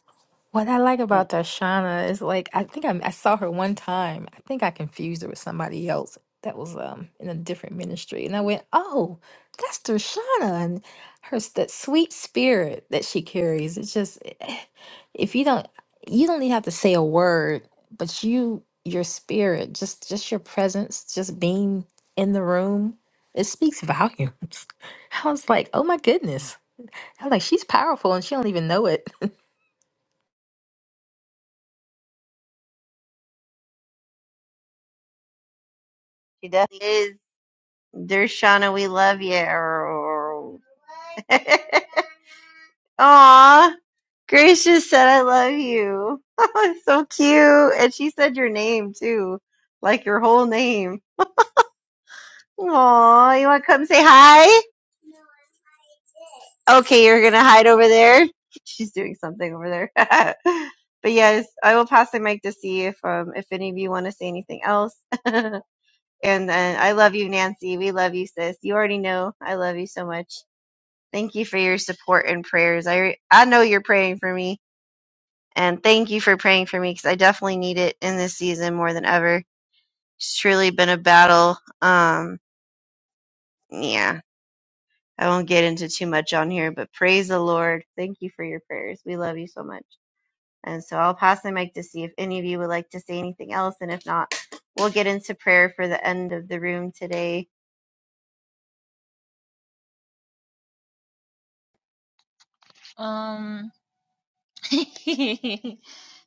Speaker 3: What I like about
Speaker 1: She
Speaker 3: Darshana is like I think I, I saw her one time. I think I confused her with somebody else that was um in a different ministry, and I went, "Oh, that's Darshana!" And her s- that sweet spirit that she carries. It's just *sighs* if you don't you don't even have to say a word, but you your spirit, just just your presence, just being in the room, it speaks volumes. *laughs* I was like, "Oh my goodness!" I was like, "She's powerful, and she don't even know it." *laughs*
Speaker 1: definitely is. Dershana, we love you. *laughs* Aw, Grace just said I love you. *laughs* Oh, It's so cute. And she said your name too, like your whole name. Aw, you want to come say hi? Okay, you're going to hide over there. *laughs* She's doing something over there. *laughs* but yes, I will pass the mic to see if um, if any of you want to say anything else. *laughs* and then I love you, Nancy. We love you, sis. You already know I love you so much. Thank you for your support and prayers. I I know you're praying for me, and thank you for praying for me because I definitely need it in this season more than ever. It's truly been a battle. Um, yeah, I won't get into too much on here, but praise the Lord. Thank you for your prayers. We love you so much. And so I'll pass the mic to see if any of you would like to say anything else, and if not, we'll get into prayer for the end of the room today.
Speaker 2: Um *laughs*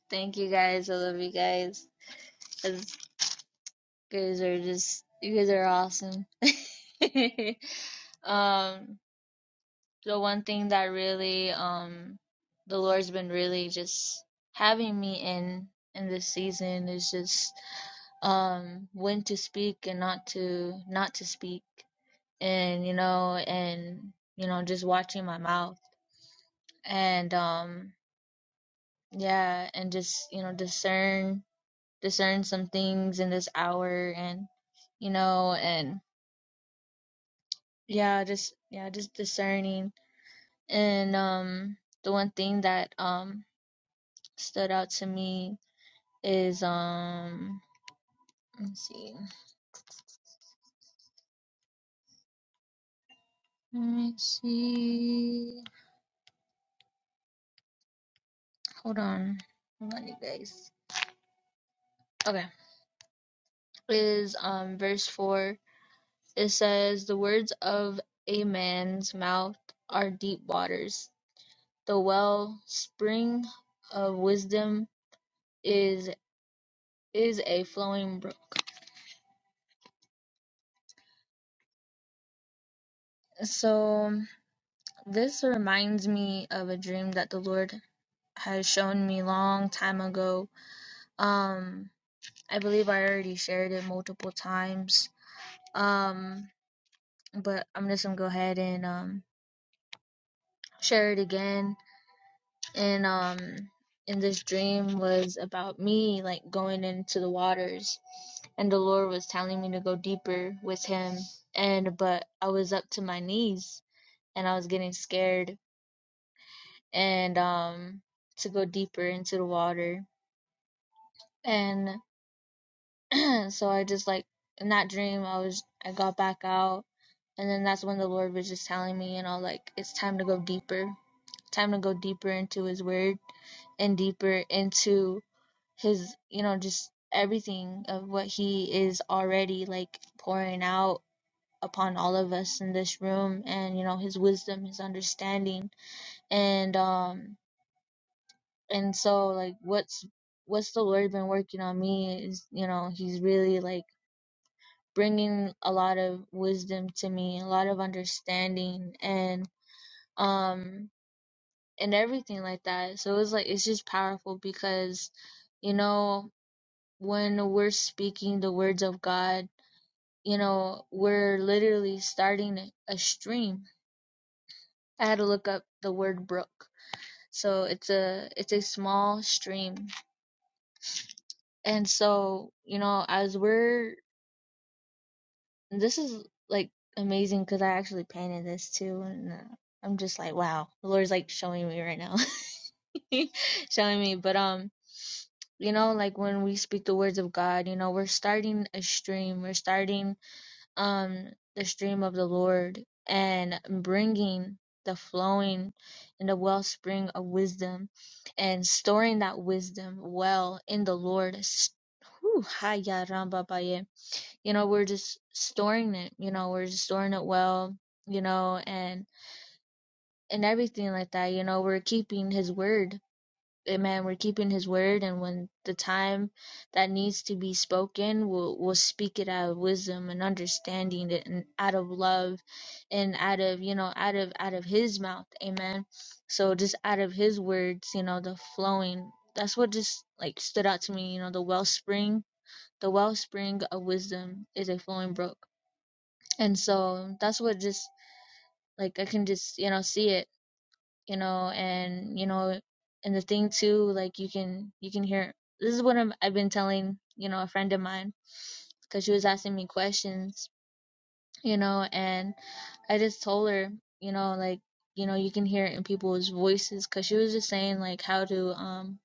Speaker 2: thank you guys. I love you guys. It's guys are just you guys are awesome. *laughs* um the one thing that really um the Lord's been really just having me in in this season is just um when to speak and not to not to speak and you know and you know just watching my mouth and um yeah and just you know discern discern some things in this hour and you know and Yeah, just yeah, just discerning. And um the one thing that um stood out to me is um let me see. Let me see. Hold on. Hold on you guys. Okay. Is um verse four. It says the words of a man's mouth are deep waters. The well spring of wisdom is is a flowing brook. So This reminds me of a dream that the Lord has shown me long time ago. Um, I believe I already shared it multiple times. Um, but I'm just gonna go ahead and um share it again. And um, in this dream was about me like going into the waters, and the Lord was telling me to go deeper with Him. And but I was up to my knees, and I was getting scared, and um to go deeper into the water and *clears throat* so I just like in that dream I was I got back out and then that's when the Lord was just telling me, you know, like it's time to go deeper. Time to go deeper into his word and deeper into his, you know, just everything of what he is already like pouring out upon all of us in this room and you know his wisdom, his understanding and um and so like what's what's the Lord been working on me is, you know, he's really like bringing a lot of wisdom to me, a lot of understanding and um and everything like that. So it's like it's just powerful because you know when we're speaking the words of God, you know, we're literally starting a stream. I had to look up the word brook. So it's a it's a small stream. And so, you know, as we're This is like amazing because I actually painted this too, and uh, I'm just like, wow, the Lord's like showing me right now, *laughs* showing me. But um, you know, like when we speak the words of God, you know, we're starting a stream, we're starting um the stream of the Lord and bringing the flowing and the wellspring of wisdom and storing that wisdom well in the Lord. S- whew, ha ya ramba ba ye you know we're just storing it you know we're just storing it well you know and and everything like that you know we're keeping his word amen we're keeping his word and when the time that needs to be spoken we'll we'll speak it out of wisdom and understanding it and out of love and out of you know out of out of his mouth amen so just out of his words you know the flowing that's what just like stood out to me you know the wellspring the wellspring of wisdom is a flowing brook and so that's what just like i can just you know see it you know and you know and the thing too like you can you can hear this is what I'm, i've been telling you know a friend of mine because she was asking me questions you know and i just told her you know like you know you can hear it in people's voices because she was just saying like how do um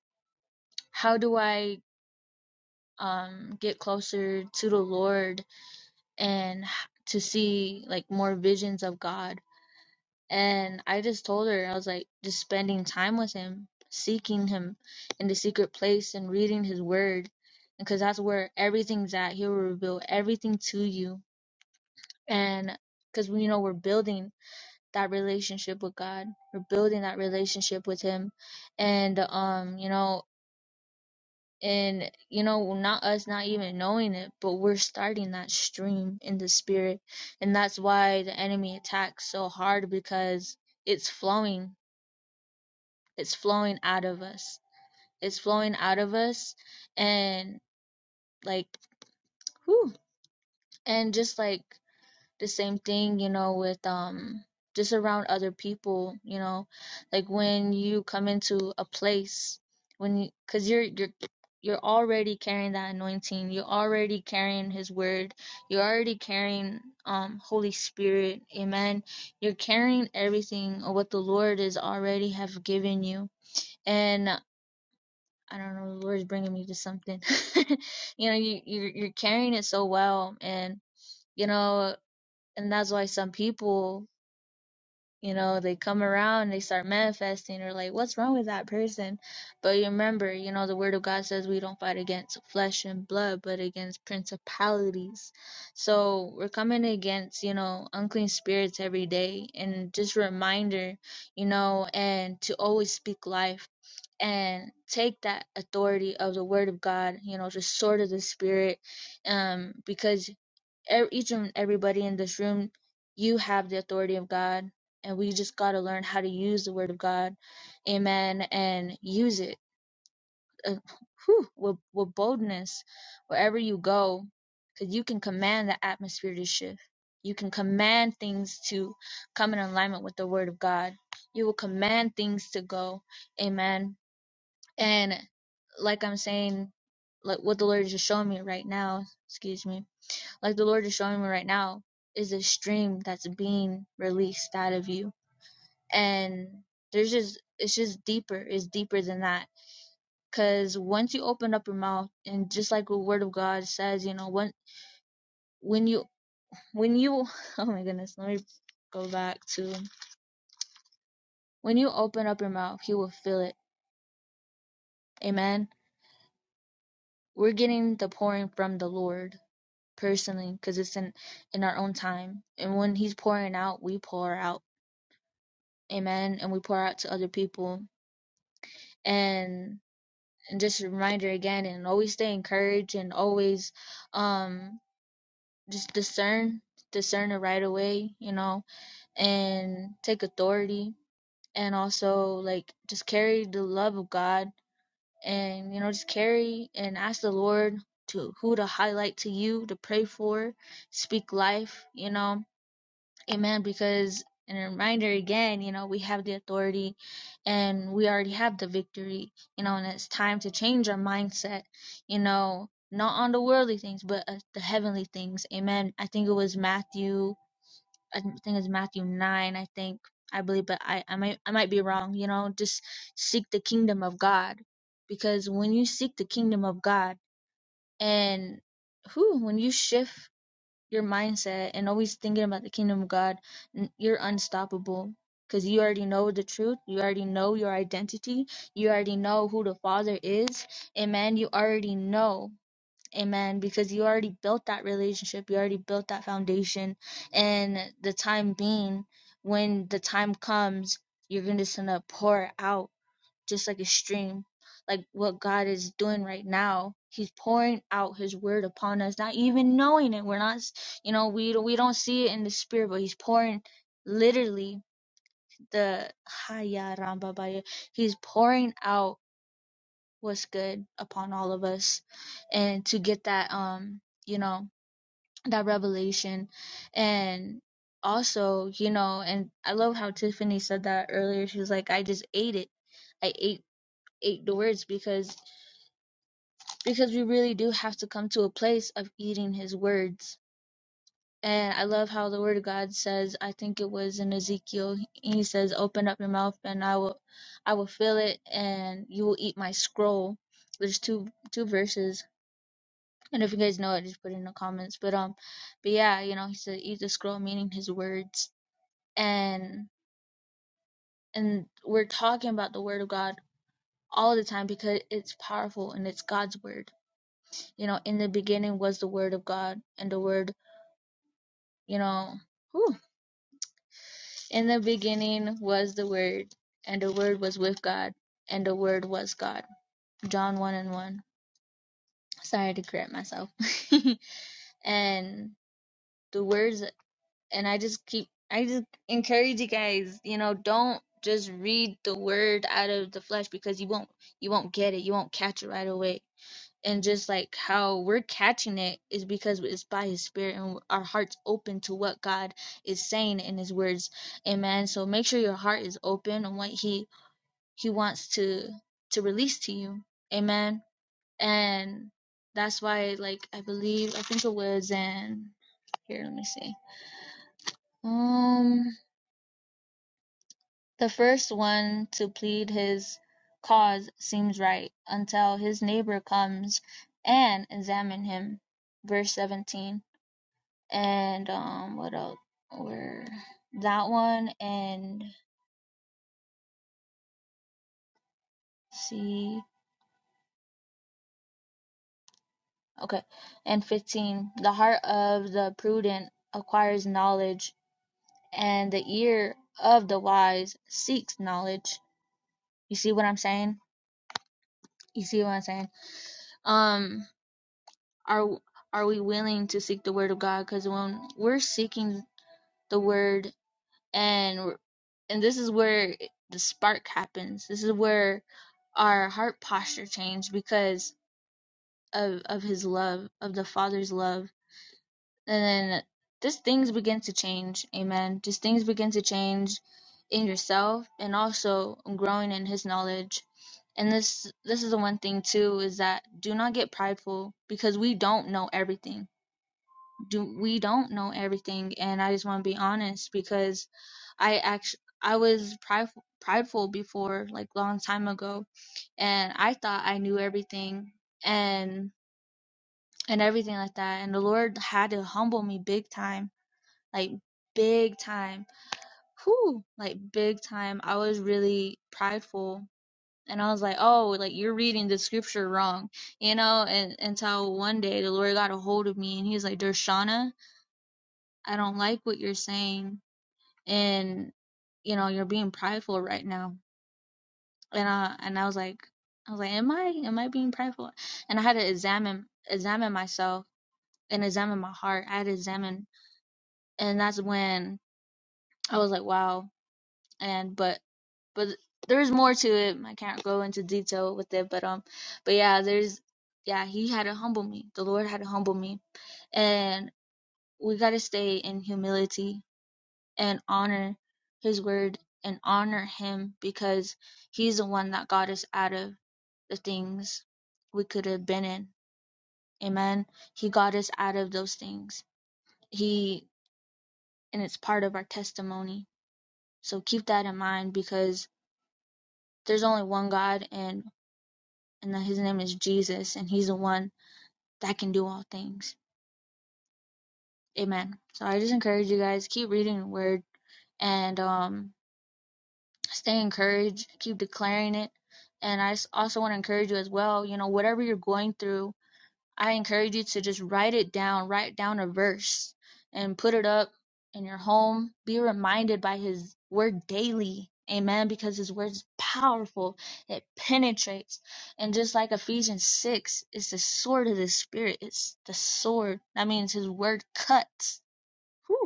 Speaker 2: how do i um get closer to the lord and h- to see like more visions of god And I just told her, I was like, just spending time with him, seeking him in the secret place and reading his word. Because that's where everything's at. He will reveal everything to you. And because, we you know, we're building that relationship with God, we're building that relationship with him. And, um, you know, and, you know, well, not us not even knowing it, but we're starting that stream in the spirit. And that's why the enemy attacks so hard because it's flowing It's flowing out of us. It's flowing out of us and like whew, and just like the same thing, you know, with um just around other people, you know, like when you come into a place when you, cuz you're you're you're already carrying that anointing. You're already carrying his word. You're already carrying um Holy Spirit. Amen. You're carrying everything of what the Lord is already have given you. And I don't know, the Lord's bringing me to something. *laughs* you know, you you're, you're carrying it so well, and you know, and that's why some people you know they come around they start manifesting or like what's wrong with that person but you remember you know the word of god says we don't fight against flesh and blood but against principalities so we're coming against you know unclean spirits every day and just a reminder you know and to always speak life and take that authority of the word of god you know the sword of the spirit um because ev- each and everybody in this room, you have the authority of God, and we just got to learn how to use the word of God, amen, and use it uh, whew, with, with boldness wherever you go, because you can command the atmosphere to shift. You can command things to come in alignment with the word of God. You will command things to go, amen. And like I'm saying, like what the Lord is just showing me right now, excuse me, like the Lord is showing me right now, is a stream that's being released out of you. And there's just, it's just deeper. It's deeper than that. Cause once you open up your mouth, and just like the Word of God says, you know, when when you when you, *laughs* oh my goodness, let me go back to when you open up your mouth, He will fill it. Amen. We're getting the pouring from the Lord personally, because it's in in our own time. And when He's pouring out, we pour out. Amen. And we pour out to other people and and just a reminder again and always stay encouraged and always um just discern discern it right away you know and take authority and also like just carry the love of god and you know just carry and ask the lord to who to highlight to you to pray for speak life you know Amen. Because, and a reminder again, you know, we have the authority and we already have the victory, you know, and it's time to change our mindset, you know, not on the worldly things, but uh, the heavenly things. Amen. I think it was Matthew, I think it's Matthew 9, I think, I believe, but I, I might, I might be wrong, you know, just seek the kingdom of God. Because when you seek the kingdom of God and who, when you shift your mindset and always thinking about the kingdom of God, n- you're unstoppable because you already know the truth. You already know your identity. You already know who the Father is. Amen. You already know. Amen. Because you already built that relationship. You already built that foundation. And the time being, when the time comes, you're going to just going to pour out just like a stream, like what God is doing right now. He's pouring out His word upon us, not even knowing it. We're not, you know, we we don't see it in the spirit, but He's pouring literally the Haya Ramba Baya. He's pouring out what's good upon all of us, and to get that, um, you know, that revelation, and also, you know, and I love how Tiffany said that earlier. She was like, I just ate it. I ate ate the words because because we really do have to come to a place of eating his words. And I love how the word of God says, I think it was in Ezekiel, he says, Open up your mouth and I will I will fill it and you will eat my scroll. There's two two verses. And if you guys know it, just put it in the comments. But um but yeah, you know, he said eat the scroll, meaning his words. And and we're talking about the word of God all the time because it's powerful and it's God's word you know in the beginning was the word of god and the word you know, whew. in the beginning was the Word, and the Word was with God, and the Word was God. John 1 and 1. Sorry to correct myself. *laughs* and the words, and I just keep, I just encourage you guys, you know, don't just read the word out of the flesh because you won't you won't get it you won't catch it right away and just like how we're catching it is because it's by his spirit and our hearts open to what god is saying in his words amen so make sure your heart is open on what he he wants to to release to you amen and that's why like i believe i think it was in here let me see um the first one to plead his cause seems right until his neighbor comes and examine him verse 17 and um what else were that one and C okay and 15 the heart of the prudent acquires knowledge and the ear of the wise seeks knowledge you see what i'm saying you see what i'm saying um are are we willing to seek the word of god cuz when we're seeking the word and we're- and this is where the spark happens this is where our heart posture change because of of his love, of the Father's love. And then just things begin to change. Amen. Just things begin to change in yourself and also growing in his knowledge. And this this is the one thing too is that do not get prideful because we don't know everything. Do we don't know everything and I just want to be honest because I actually I was prideful prideful before like long time ago and I thought I knew everything and and everything like that. And the Lord had to humble me big time, like big time. Whew, like big time. I was really prideful. And I was like, oh, like you're reading the scripture wrong, you know? And until one day the Lord got a hold of me and he's like, Dershana, I don't like what you're saying. And, you know, you're being prideful right now. And I, and I was like, I was like, am I, am I being prideful? And I had to examine, examine myself and examine my heart. I had to examine and that's when I was like, wow. And but but there's more to it. I can't go into detail with it, but um, but yeah, there's yeah, he had to humble me. The Lord had to humble me, and we gotta stay in humility and honor His word and honor Him because He's the one that got us out of the things we could have been in. Amen. He got us out of those things. He and it's part of our testimony. So keep that in mind because There's only one God and and his name is Jesus and he's the one that can do all things. Amen. So I just encourage you guys keep reading the word and um stay encouraged, keep declaring it. And I also want to encourage you as well, you know, whatever you're going through, I encourage you to just write it down, write down a verse and put it up in your home. Be reminded by his word daily. Amen. Because his word is powerful. It penetrates. And just like Ephesians 6, it's the sword of the spirit. It's the sword. That means his word cuts. Whew.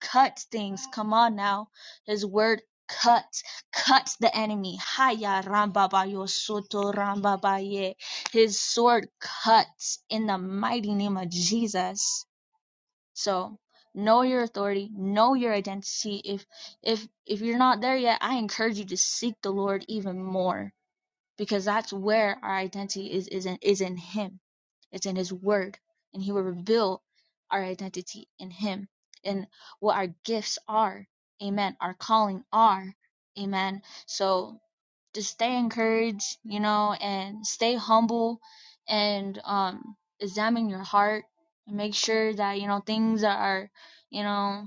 Speaker 2: Cut things, come on now. His word cut, cut the enemy. Haya rambabayo soto rambabaye. His sword cuts in the mighty name of Jesus. So know your authority, know your identity. If if if you're not there yet, I encourage you to seek the Lord even more because that's where our identity is is in, is in him it's in his word and he will reveal our identity in him and what our gifts are amen our calling are amen so just stay encouraged you know and stay humble and um examine your heart and make sure that you know things are you know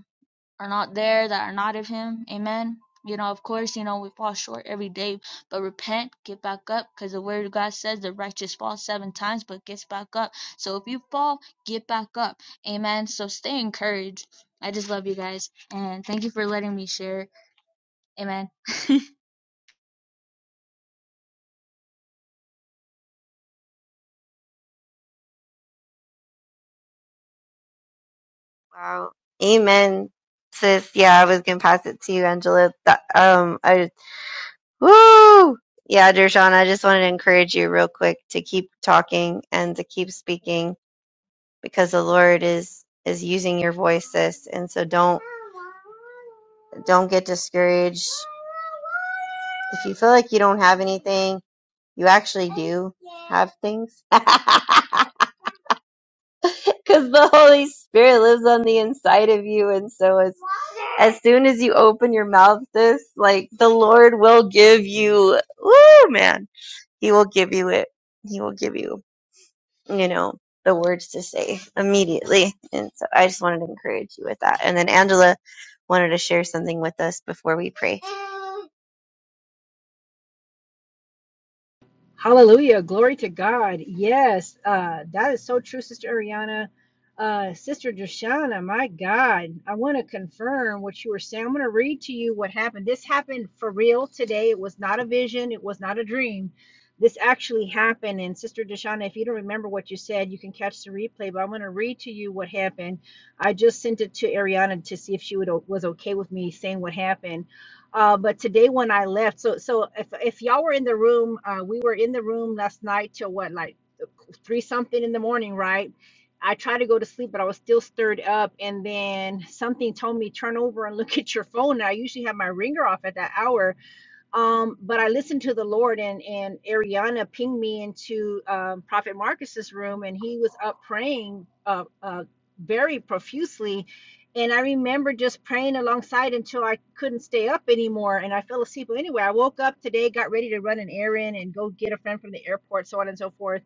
Speaker 2: are not there, that are not of Him. Amen. You know, of course, you know, we fall short every day, but repent, get back up, because the Word of God says the righteous falls seven times, but gets back up. So if you fall, get back up. Amen. So stay encouraged. I just love you guys, and thank you for letting me share. Amen.
Speaker 1: Wow. Amen sis yeah i was gonna pass it to you angela That- um i Woo! Yeah, Dershawn, I just wanted to encourage you real quick to keep talking and to keep speaking because the Lord is is using your voice, sis. And so don't don't get discouraged. If you feel like you don't have anything, you actually do have things. *laughs* Because the Holy Spirit lives on the inside of you, and so as as soon as you open your mouth, sis, like the Lord will give you, woo, man, He will give you it. He will give you. you know, the words to say immediately. And so I just wanted to encourage you with that. And then Angela wanted to share something with us before we pray.
Speaker 4: Hallelujah. Glory to God. Yes, uh, that is so true, Sister Ariana. Uh, Sister Drashana, my God, I want to confirm what you were saying. I'm going to read to you what happened. This happened for real today. It was not a vision, it was not a dream. This actually happened. And Sister Deshana, if you don't remember what you said, you can catch the replay, but I'm going to read to you what happened. I just sent it to Ariana to see if she would, was okay with me saying what happened uh, but today when I left, so so if if y'all were in the room, uh, we were in the room last night till what like three something in the morning, right? I tried to go to sleep, but I was still stirred up, and then something told me turn over and look at your phone. And I usually have my ringer off at that hour, um, but I listened to the Lord, and and Ariana pinged me into um, Prophet Marcus's room, and he was up praying uh, uh, very profusely. And I remember just praying alongside until I couldn't stay up anymore, and I fell asleep. But anyway, I woke up today, got ready to run an errand and go get a friend from the airport, so on and so forth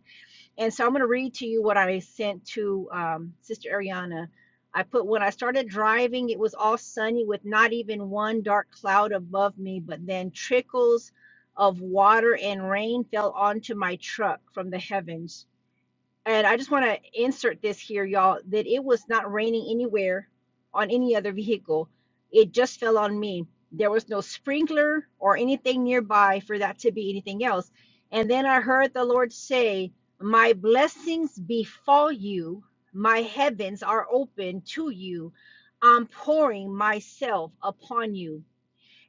Speaker 4: and so I'm going to read to you what I sent to um, Sister Ariana. I put, when I started driving, it was all sunny with not even one dark cloud above me, but then trickles of water and rain fell onto my truck from the heavens. And I just want to insert this here, y'all, that it was not raining anywhere on any other vehicle. It just fell on me. There was no sprinkler or anything nearby for that to be anything else. And then I heard the Lord say, My blessings befall you, my heavens are open to you. I'm pouring myself upon you.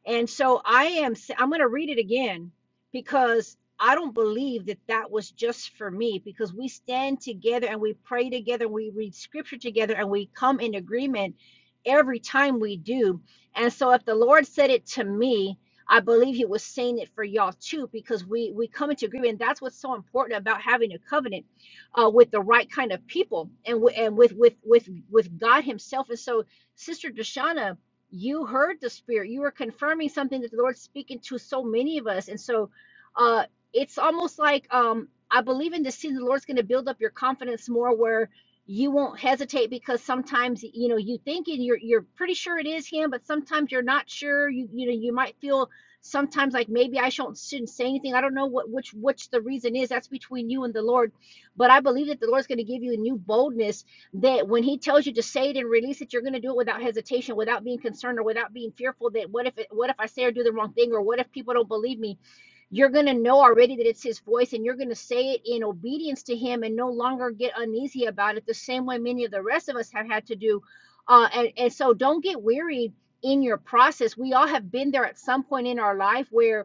Speaker 4: And so I am, i I'm going to read it again because I don't believe that that was just for me because we stand together and we pray together, we read scripture together, and we come in agreement every time we do. And so if the Lord said it to me, I believe he was saying it for y'all too, because we we come into agreement. And that's what's so important about having a covenant uh, with the right kind of people and w- and with with with with God Himself. And so, Sister Deshana, you heard the spirit you were confirming something that the lord's speaking to so many of us and so uh it's almost like um i believe in this season the lord's going to build up your confidence more where you won't hesitate because sometimes you know you think and you're you're pretty sure it is him but sometimes you're not sure you you know you might feel sometimes like maybe i shouldn't shouldn't say anything i don't know what which which the reason is that's between you and the lord but i believe that the lord's going to give you a new boldness that when he tells you to say it and release it, you're going to do it without hesitation, without being concerned or without being fearful that what if it, what if I say or do the wrong thing or what if people don't believe me? You're going to know already that it's his voice and you're going to say it in obedience to him and no longer get uneasy about it the same way many of the rest of us have had to do. Uh, and, and so don't get weary in your process. We all have been there at some point in our life where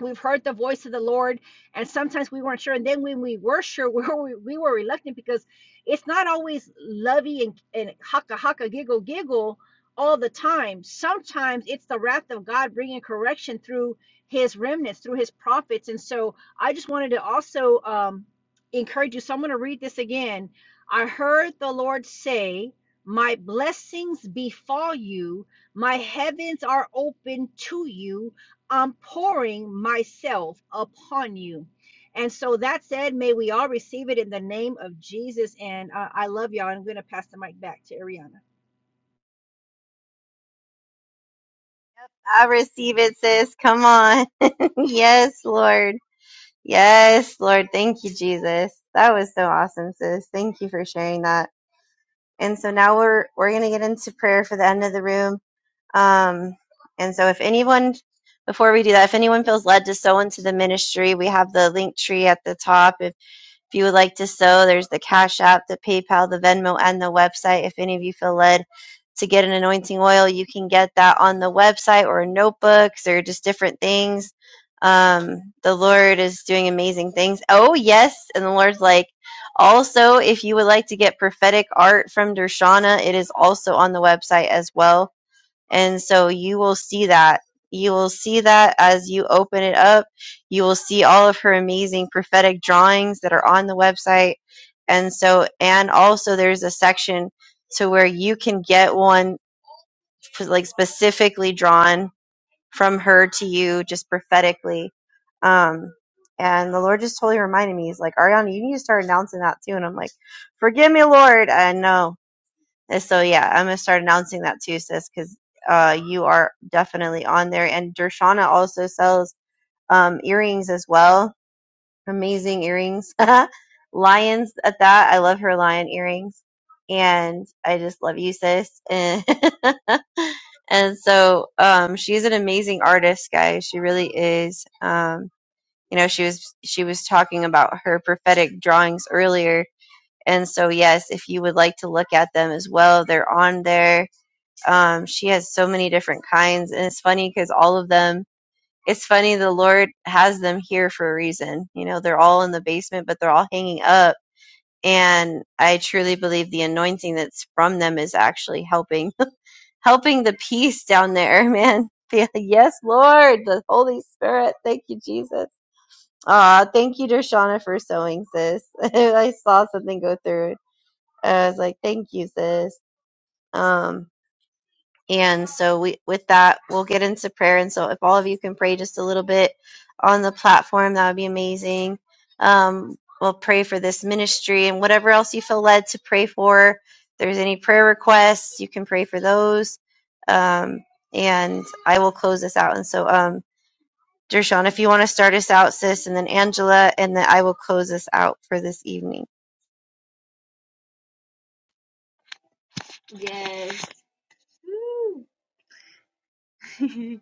Speaker 4: we've heard the voice of the Lord, and sometimes we weren't sure. And then when we were sure, *laughs* we were, we were reluctant because it's not always lovey and, and haka haka giggle giggle all the time. Sometimes it's the wrath of God bringing correction through His remnants, through His prophets. And so I just wanted to also um, encourage you. So I'm going to read this again. I heard the Lord say. My blessings befall you. My heavens are open to you I'm pouring myself upon you. And so that said, may we all receive it in the name of Jesus. And uh, I love y'all. I'm going to pass the mic back to Ariana.
Speaker 1: I receive it, sis. Come on. *laughs* yes, Lord. Yes, Lord. Thank you, Jesus. That was so awesome, sis. Thank you for sharing that. And so now we're we're gonna get into prayer for the end of the room. Um, and so if anyone before we do that, if anyone feels led to sow into the ministry, we have the link tree at the top. If If you would like to sow, there's the Cash App, the PayPal, the Venmo, and the website. If any of you feel led to get an anointing oil, you can get that on the website or notebooks or just different things. Um, the Lord is doing amazing things. Oh, yes. And the Lord's like, also, if you would like to get prophetic art from Dershana, it is also on the website as well. And so you will see that. You will see that as you open it up. You will see all of her amazing prophetic drawings that are on the website. And so, and also there's a section to where you can get one f- like specifically drawn from her to you just prophetically. Um, and the Lord just totally reminded me, He's like, Ariana, you need to start announcing that too. And I'm like, forgive me, Lord. I know. And so yeah, I'm gonna start announcing that too, sis, because uh, you are definitely on there. And Dershana also sells um, earrings as well. Amazing earrings, *laughs* lions at that. I love her lion earrings, and I just love you, sis. And *laughs* and so um, she's an amazing artist, guys. She really is. Um, you know, she was she was talking about her prophetic drawings earlier. And so, yes, if you would like to look at them as well, they're on there um, she has so many different kinds, and it's funny because all of them. It's funny the Lord has them here for a reason. You know, they're all in the basement, but they're all hanging up. And I truly believe the anointing that's from them is actually helping, *laughs* helping the peace down there, *laughs* man. Yeah, Yes, Lord, the Holy Spirit. Thank you, Jesus. Ah, thank you, Dershana, for sewing, sis. *laughs* I saw something go through. I was like, thank you, sis. Um, And so we with that we'll get into prayer. And so if all of you can pray just a little bit on the platform, that would be amazing. Um, we'll pray for this ministry and whatever else you feel led to pray for. If there's any prayer requests, you can pray for those. Um, and I will close this out. And so um Dershawn, if you want to start us out, sis, and then Angela, and then I will close us out for this evening.
Speaker 2: Yes. *laughs*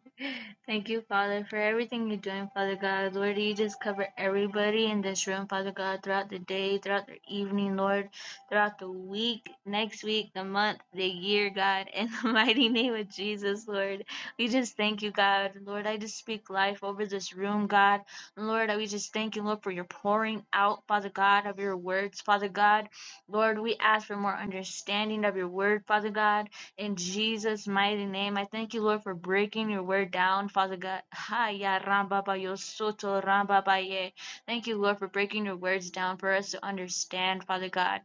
Speaker 2: Thank you, Father, for everything you're doing, Father God. Lord, you just cover everybody in this room, Father God, throughout the day, throughout the evening, Lord, throughout the week, next week, the month, the year, God, in the *laughs* mighty name of Jesus, Lord. We just thank you, God. Lord, I just speak life over this room, God. Lord, we just thank you, Lord, for your pouring out, Father God, of your words, Father God. Lord, we ask for more understanding of your word, Father God. In Jesus' mighty name, I thank you, Lord, for breaking your word down, Father God. Ha ya ramba ba yo soto ramba ba ye. Thank you, Lord, for breaking your words down for us to understand, Father God.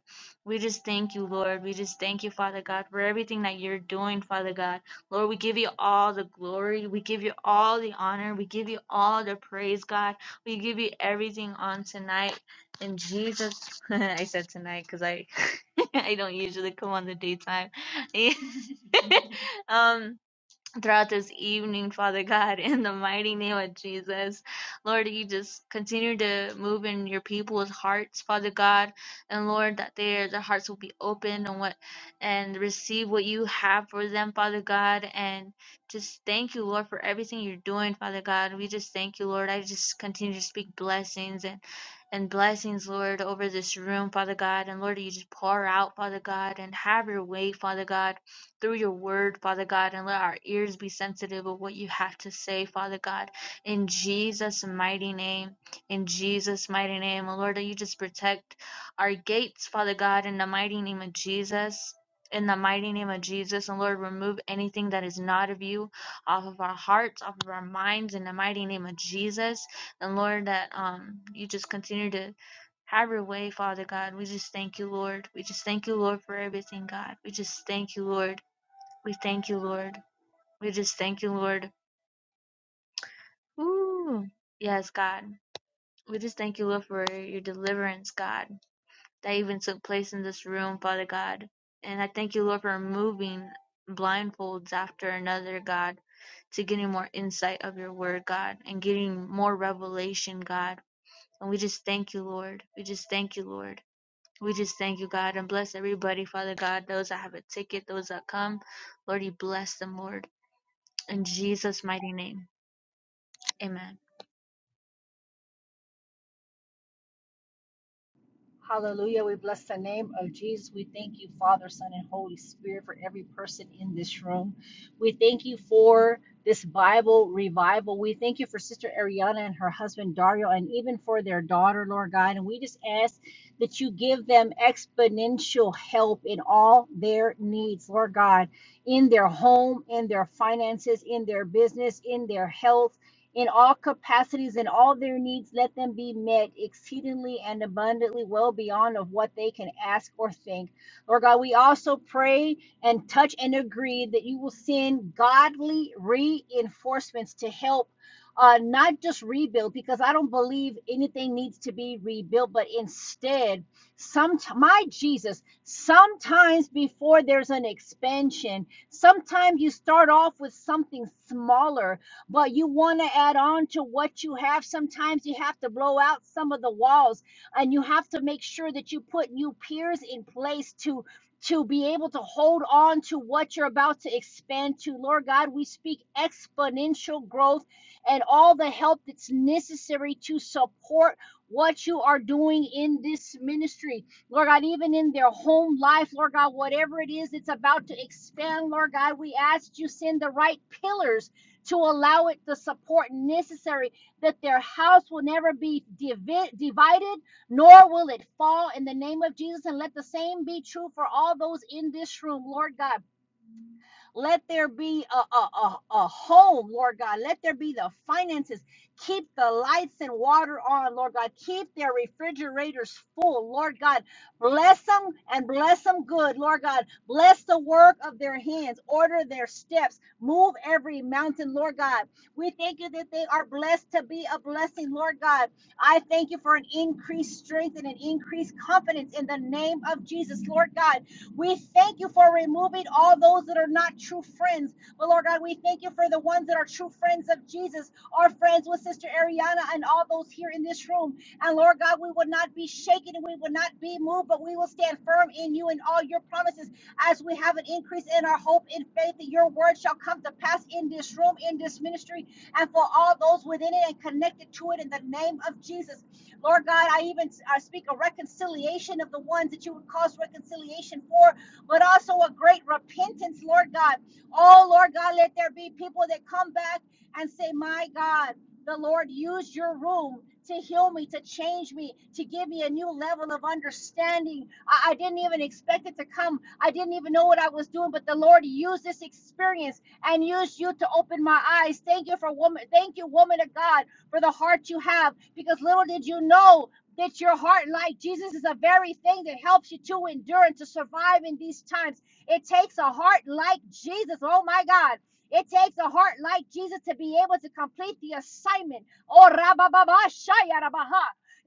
Speaker 2: We just thank you, Lord. We just thank you, Father God, for everything that you're doing, Father God. Lord, we give you all the glory. We give you all the honor. We give you all the praise, God. We give you everything on tonight. In Jesus, *laughs* I said tonight because I *laughs* I don't usually come on the daytime. A- *laughs* um throughout this evening, Father God, in the mighty name of Jesus. Lord, you just continue to move in your people's hearts, Father God. And Lord, that their their hearts will be open and what and receive what you have for them, Father God. And just thank you, Lord, for everything you're doing, Father God. We just thank you, Lord. I just continue to speak blessings and and blessings, Lord, over this room, Father God. And Lord, you just pour out, Father God, and have your way, Father God through your word, Father God, and let our ears be sensitive of what you have to say, Father God, in Jesus' mighty name. In Jesus' mighty name, oh Lord, that you just protect our gates, Father God, in the mighty name of Jesus. In the mighty name of Jesus, and Lord, remove anything that is not of you off of our hearts, off of our minds, in the mighty name of Jesus. And Lord, that um you just continue to have your way, Father God. We just thank you, Lord. We just thank you, Lord, for everything, God. We just thank you, Lord. We thank you, Lord. We just thank you, Lord. Ooh. Yes, God. We just thank you, Lord, for your deliverance, God, that even took place in this room, Father God. And I thank you, Lord, for removing blindfolds after another, God, to getting more insight of your word, God, and getting more revelation, God. And we just thank you, Lord. We just thank you, Lord. We just thank you, God, and bless everybody, Father God, those that have a ticket, those that come. Lord, you bless them, Lord. In Jesus' mighty name. Amen.
Speaker 4: Hallelujah. We bless the name of Jesus. We thank you, Father, Son, and Holy Spirit, for every person in this room. We thank you for this Bible revival. We thank you for Sister Ariana and her husband Dario, and even for their daughter, Lord God. And we just ask that you give them exponential help in all their needs, Lord God, in their home, in their finances, in their business, in their health in all capacities and all their needs let them be met exceedingly and abundantly well beyond of what they can ask or think lord god we also pray and touch and agree that you will send godly reinforcements to help uh, not just rebuild because i don't believe anything needs to be rebuilt but instead some my jesus sometimes before there's an expansion sometimes you start off with something smaller but you want to add on to what you have. Sometimes you have to blow out some of the walls and you have to make sure that you put new peers in place to to be able to hold on to what you're about to expand to. Lord God, we speak exponential growth and all the help that's necessary to support what you are doing in this ministry. Lord God, even in their home life, Lord God, whatever it is that's about to expand, Lord God, we ask you send the right pillars to allow it the support necessary that their house will never be divi- divided, nor will it fall in the name of Jesus. And let the same be true for all those in this room, Lord God. Let there be a, a, a, a home, Lord God. Let there be the finances. Keep the lights and water on, Lord God. Keep their refrigerators full, Lord God. Bless them and bless them good, Lord God. Bless the work of their hands. Order their steps. Move every mountain, Lord God. We thank you that they are blessed to be a blessing, Lord God. I thank you for an increased strength and an increased confidence in the name of Jesus, Lord God. We thank you for removing all those that are not true friends. But Lord God, we thank you for the ones that are true friends of Jesus, our friends with Sister Ariana and all those here in this room. And Lord God, we will not be shaken and we will not be moved, but we will stand firm in you and all your promises as we have an increase in our hope and faith that your word shall come to pass in this room, in this ministry, and for all those within it and connected to it in the name of Jesus. Lord God, I even I speak a reconciliation of the ones that you would cause reconciliation for, but also a great repentance, Lord God. Oh, Lord God, let there be people that come back and say, My God, the Lord used your room to heal me, to change me, to give me a new level of understanding. I, I didn't even expect it to come. I didn't even know what I was doing, but the Lord used this experience and used you to open my eyes. Thank you for woman. Thank you, woman of God for the heart you have because little did you know that your heart like Jesus is the very thing that helps you to endure and to survive in these times. It takes a heart like Jesus. Oh my God. It takes a heart like Jesus to be able to complete the assignment. Oh, rabababa,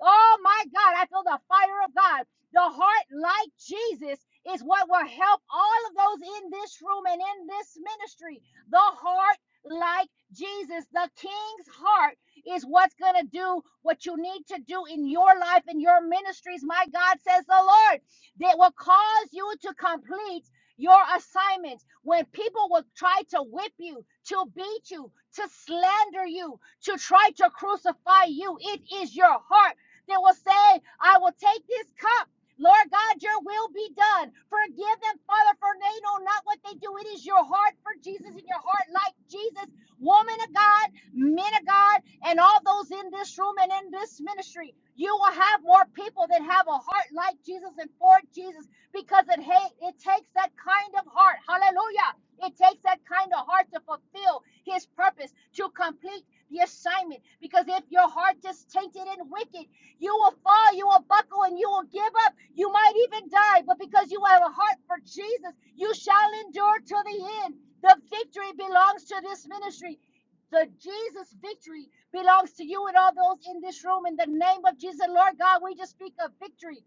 Speaker 4: oh my God, I feel the fire of God. The heart like Jesus is what will help all of those in this room and in this ministry. The heart like Jesus, the King's heart is what's going to do what you need to do in your life and your ministries, my God, says the Lord, that will cause you to complete your assignments. When people will try to whip you, to beat you, to slander you, to try to crucify you, it is your heart that will say, I will take this cup. Lord God, your will be done. Forgive them, Father, for they know not what they do. It is your heart for Jesus and your heart like Jesus. Woman of God, men of God and all those in this room and in this ministry, you will have more people that have a heart like Jesus and for Jesus because it ha- it takes that kind of heart. Hallelujah. It takes that kind of heart to fulfill his purpose, to complete the assignment. Because if your heart is tainted and wicked, you will fall, you will buckle, and you will give up. You might even die, but because you have a heart for Jesus, you shall endure to the end. The victory belongs to this ministry. The Jesus victory belongs to you and all those in this room. In the name of Jesus, Lord God, we just speak of victory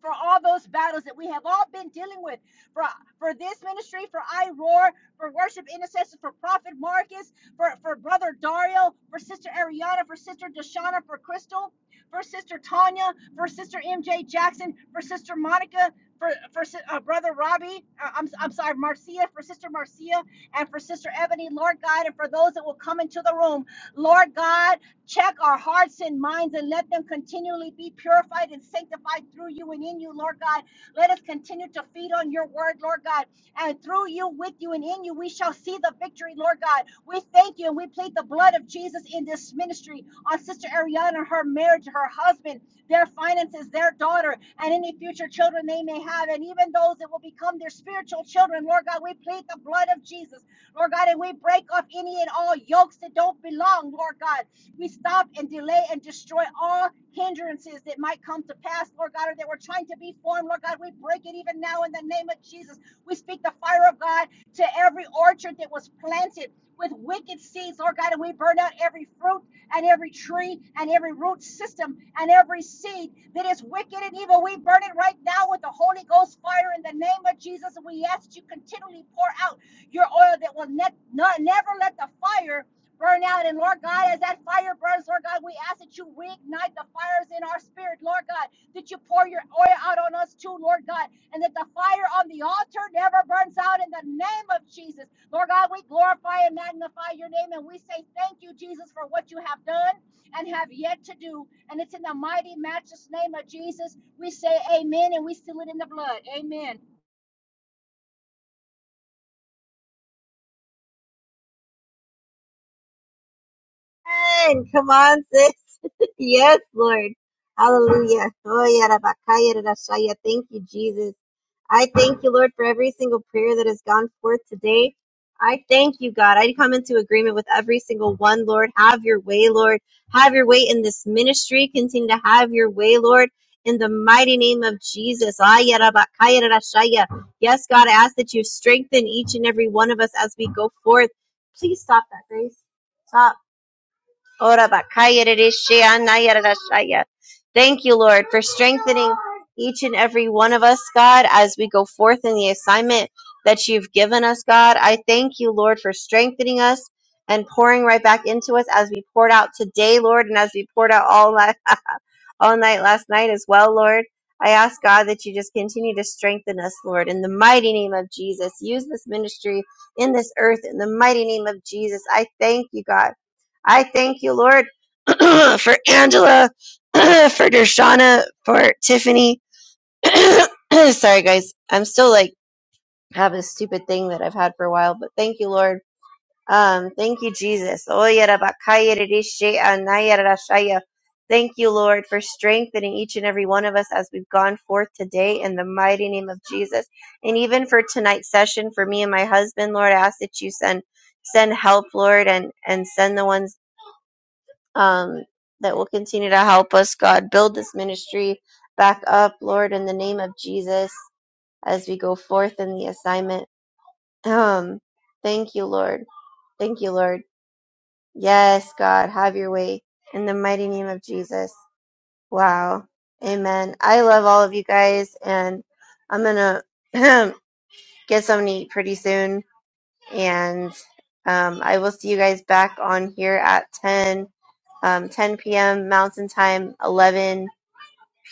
Speaker 4: for all those battles that we have all been dealing with for for this ministry for i roar for worship intercessors for prophet marcus for for brother dario for sister ariana for sister deshana for crystal for sister tanya for sister mj jackson for sister monica for for si- uh, brother robbie uh, I'm, I'm sorry marcia for sister marcia and for sister ebony lord god and for those that will come into the room lord god Check our hearts and minds and let them continually be purified and sanctified through you and in you, Lord God. Let us continue to feed on your word, Lord God. And through you, with you, and in you, we shall see the victory, Lord God. We thank you and we plead the blood of Jesus in this ministry on Sister Ariana, her marriage, her husband, their finances, their daughter, and any future children they may have, and even those that will become their spiritual children, Lord God. We plead the blood of Jesus, Lord God, and we break off any and all yokes that don't belong, Lord God. We stop and delay and destroy all hindrances that might come to pass, Lord God, or that we're trying to be formed, Lord God. We break it even now in the name of Jesus. We speak the fire of God to every orchard that was planted with wicked seeds, Lord God, and we burn out every fruit and every tree and every root system and every seed that is wicked and evil. We burn it right now with the Holy Ghost fire in the name of Jesus. And we ask you continually pour out your oil that will ne- no- never let the fire burn out. And Lord God, as that fire burns, Lord God, we ask that you reignite the fires in our spirit, Lord God, that you pour your oil out on us too, Lord God, and that the fire on the altar never burns out in the name of Jesus. Lord God, we glorify and magnify your name and we say thank you, Jesus, for what you have done and have yet to do. And it's in the mighty, matchless name of Jesus we say amen and we seal it in the blood. Amen.
Speaker 1: Amen. Come on, sis. Yes, Lord. Hallelujah. Oh, yeah, da, ba, yeah, yeah. Thank you, Jesus. I thank you, Lord, for every single prayer that has gone forth today. I thank you, God. I come into agreement with every single one, Lord. Have your way, Lord. Have your way in this ministry. Continue to have your way, Lord. In the mighty name of Jesus. Ah, yeah, da, ba, yeah, yeah. Yes, God, I ask that you strengthen each and every one of us as we go forth. Please stop that, Grace. Stop. Ora bakaya rishi anaya rashaya. Thank you, Lord, for strengthening each and every one of us, God, as we go forth in the assignment that you've given us, God. I thank you, Lord, for strengthening us and pouring right back into us as we poured out today, Lord, and as we poured out all night, *laughs* all night last night as well, Lord. I ask God that you just continue to strengthen us, Lord, in the mighty name of Jesus. Use this ministry in this earth in the mighty name of Jesus. I thank you, God. I thank you, Lord, *clears throat* for Angela, *clears throat* for Dershana, for Tiffany. *clears throat* Sorry, guys. I'm still like have this stupid thing that I've had for a while, but thank you, Lord. Um, thank you, Jesus. Thank you, Lord, for strengthening each and every one of us as we've gone forth today in the mighty name of Jesus. And even for tonight's session, for me and my husband, Lord, I ask that you send send help, Lord, and and send the ones um, that will continue to help us, God, build this ministry back up, Lord, in the name of Jesus, as we go forth in the assignment. Um, thank you, Lord. Thank you, Lord. Yes, God, have your way in the mighty name of Jesus. Wow. Amen. I love all of you guys, and I'm going to *clears throat* get something to eat pretty soon and um, I will see you guys back on here at 10, um, 10 p.m. Mountain Time, 11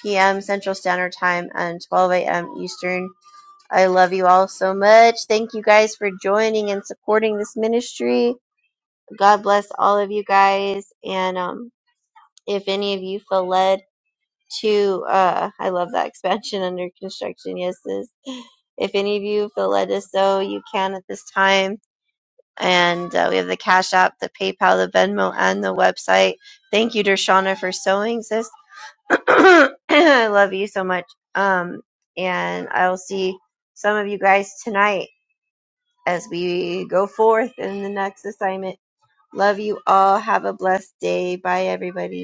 Speaker 1: p.m. Central Standard Time, and 12 a.m. Eastern. I love you all so much. Thank you guys for joining and supporting this ministry. God bless all of you guys. And um, if any of you feel led to, uh, I love that *laughs* expansion under construction. Yes, sis. If any of you feel led to sow, you can at this time and uh, we have the Cash App, the PayPal, the Venmo, and the website. Thank you, Dershana, for sewing, sis. *clears throat* I love you so much. Um, and I will see some of you guys tonight as we go forth in the next assignment. Love you all. Have a blessed day. Bye, everybody.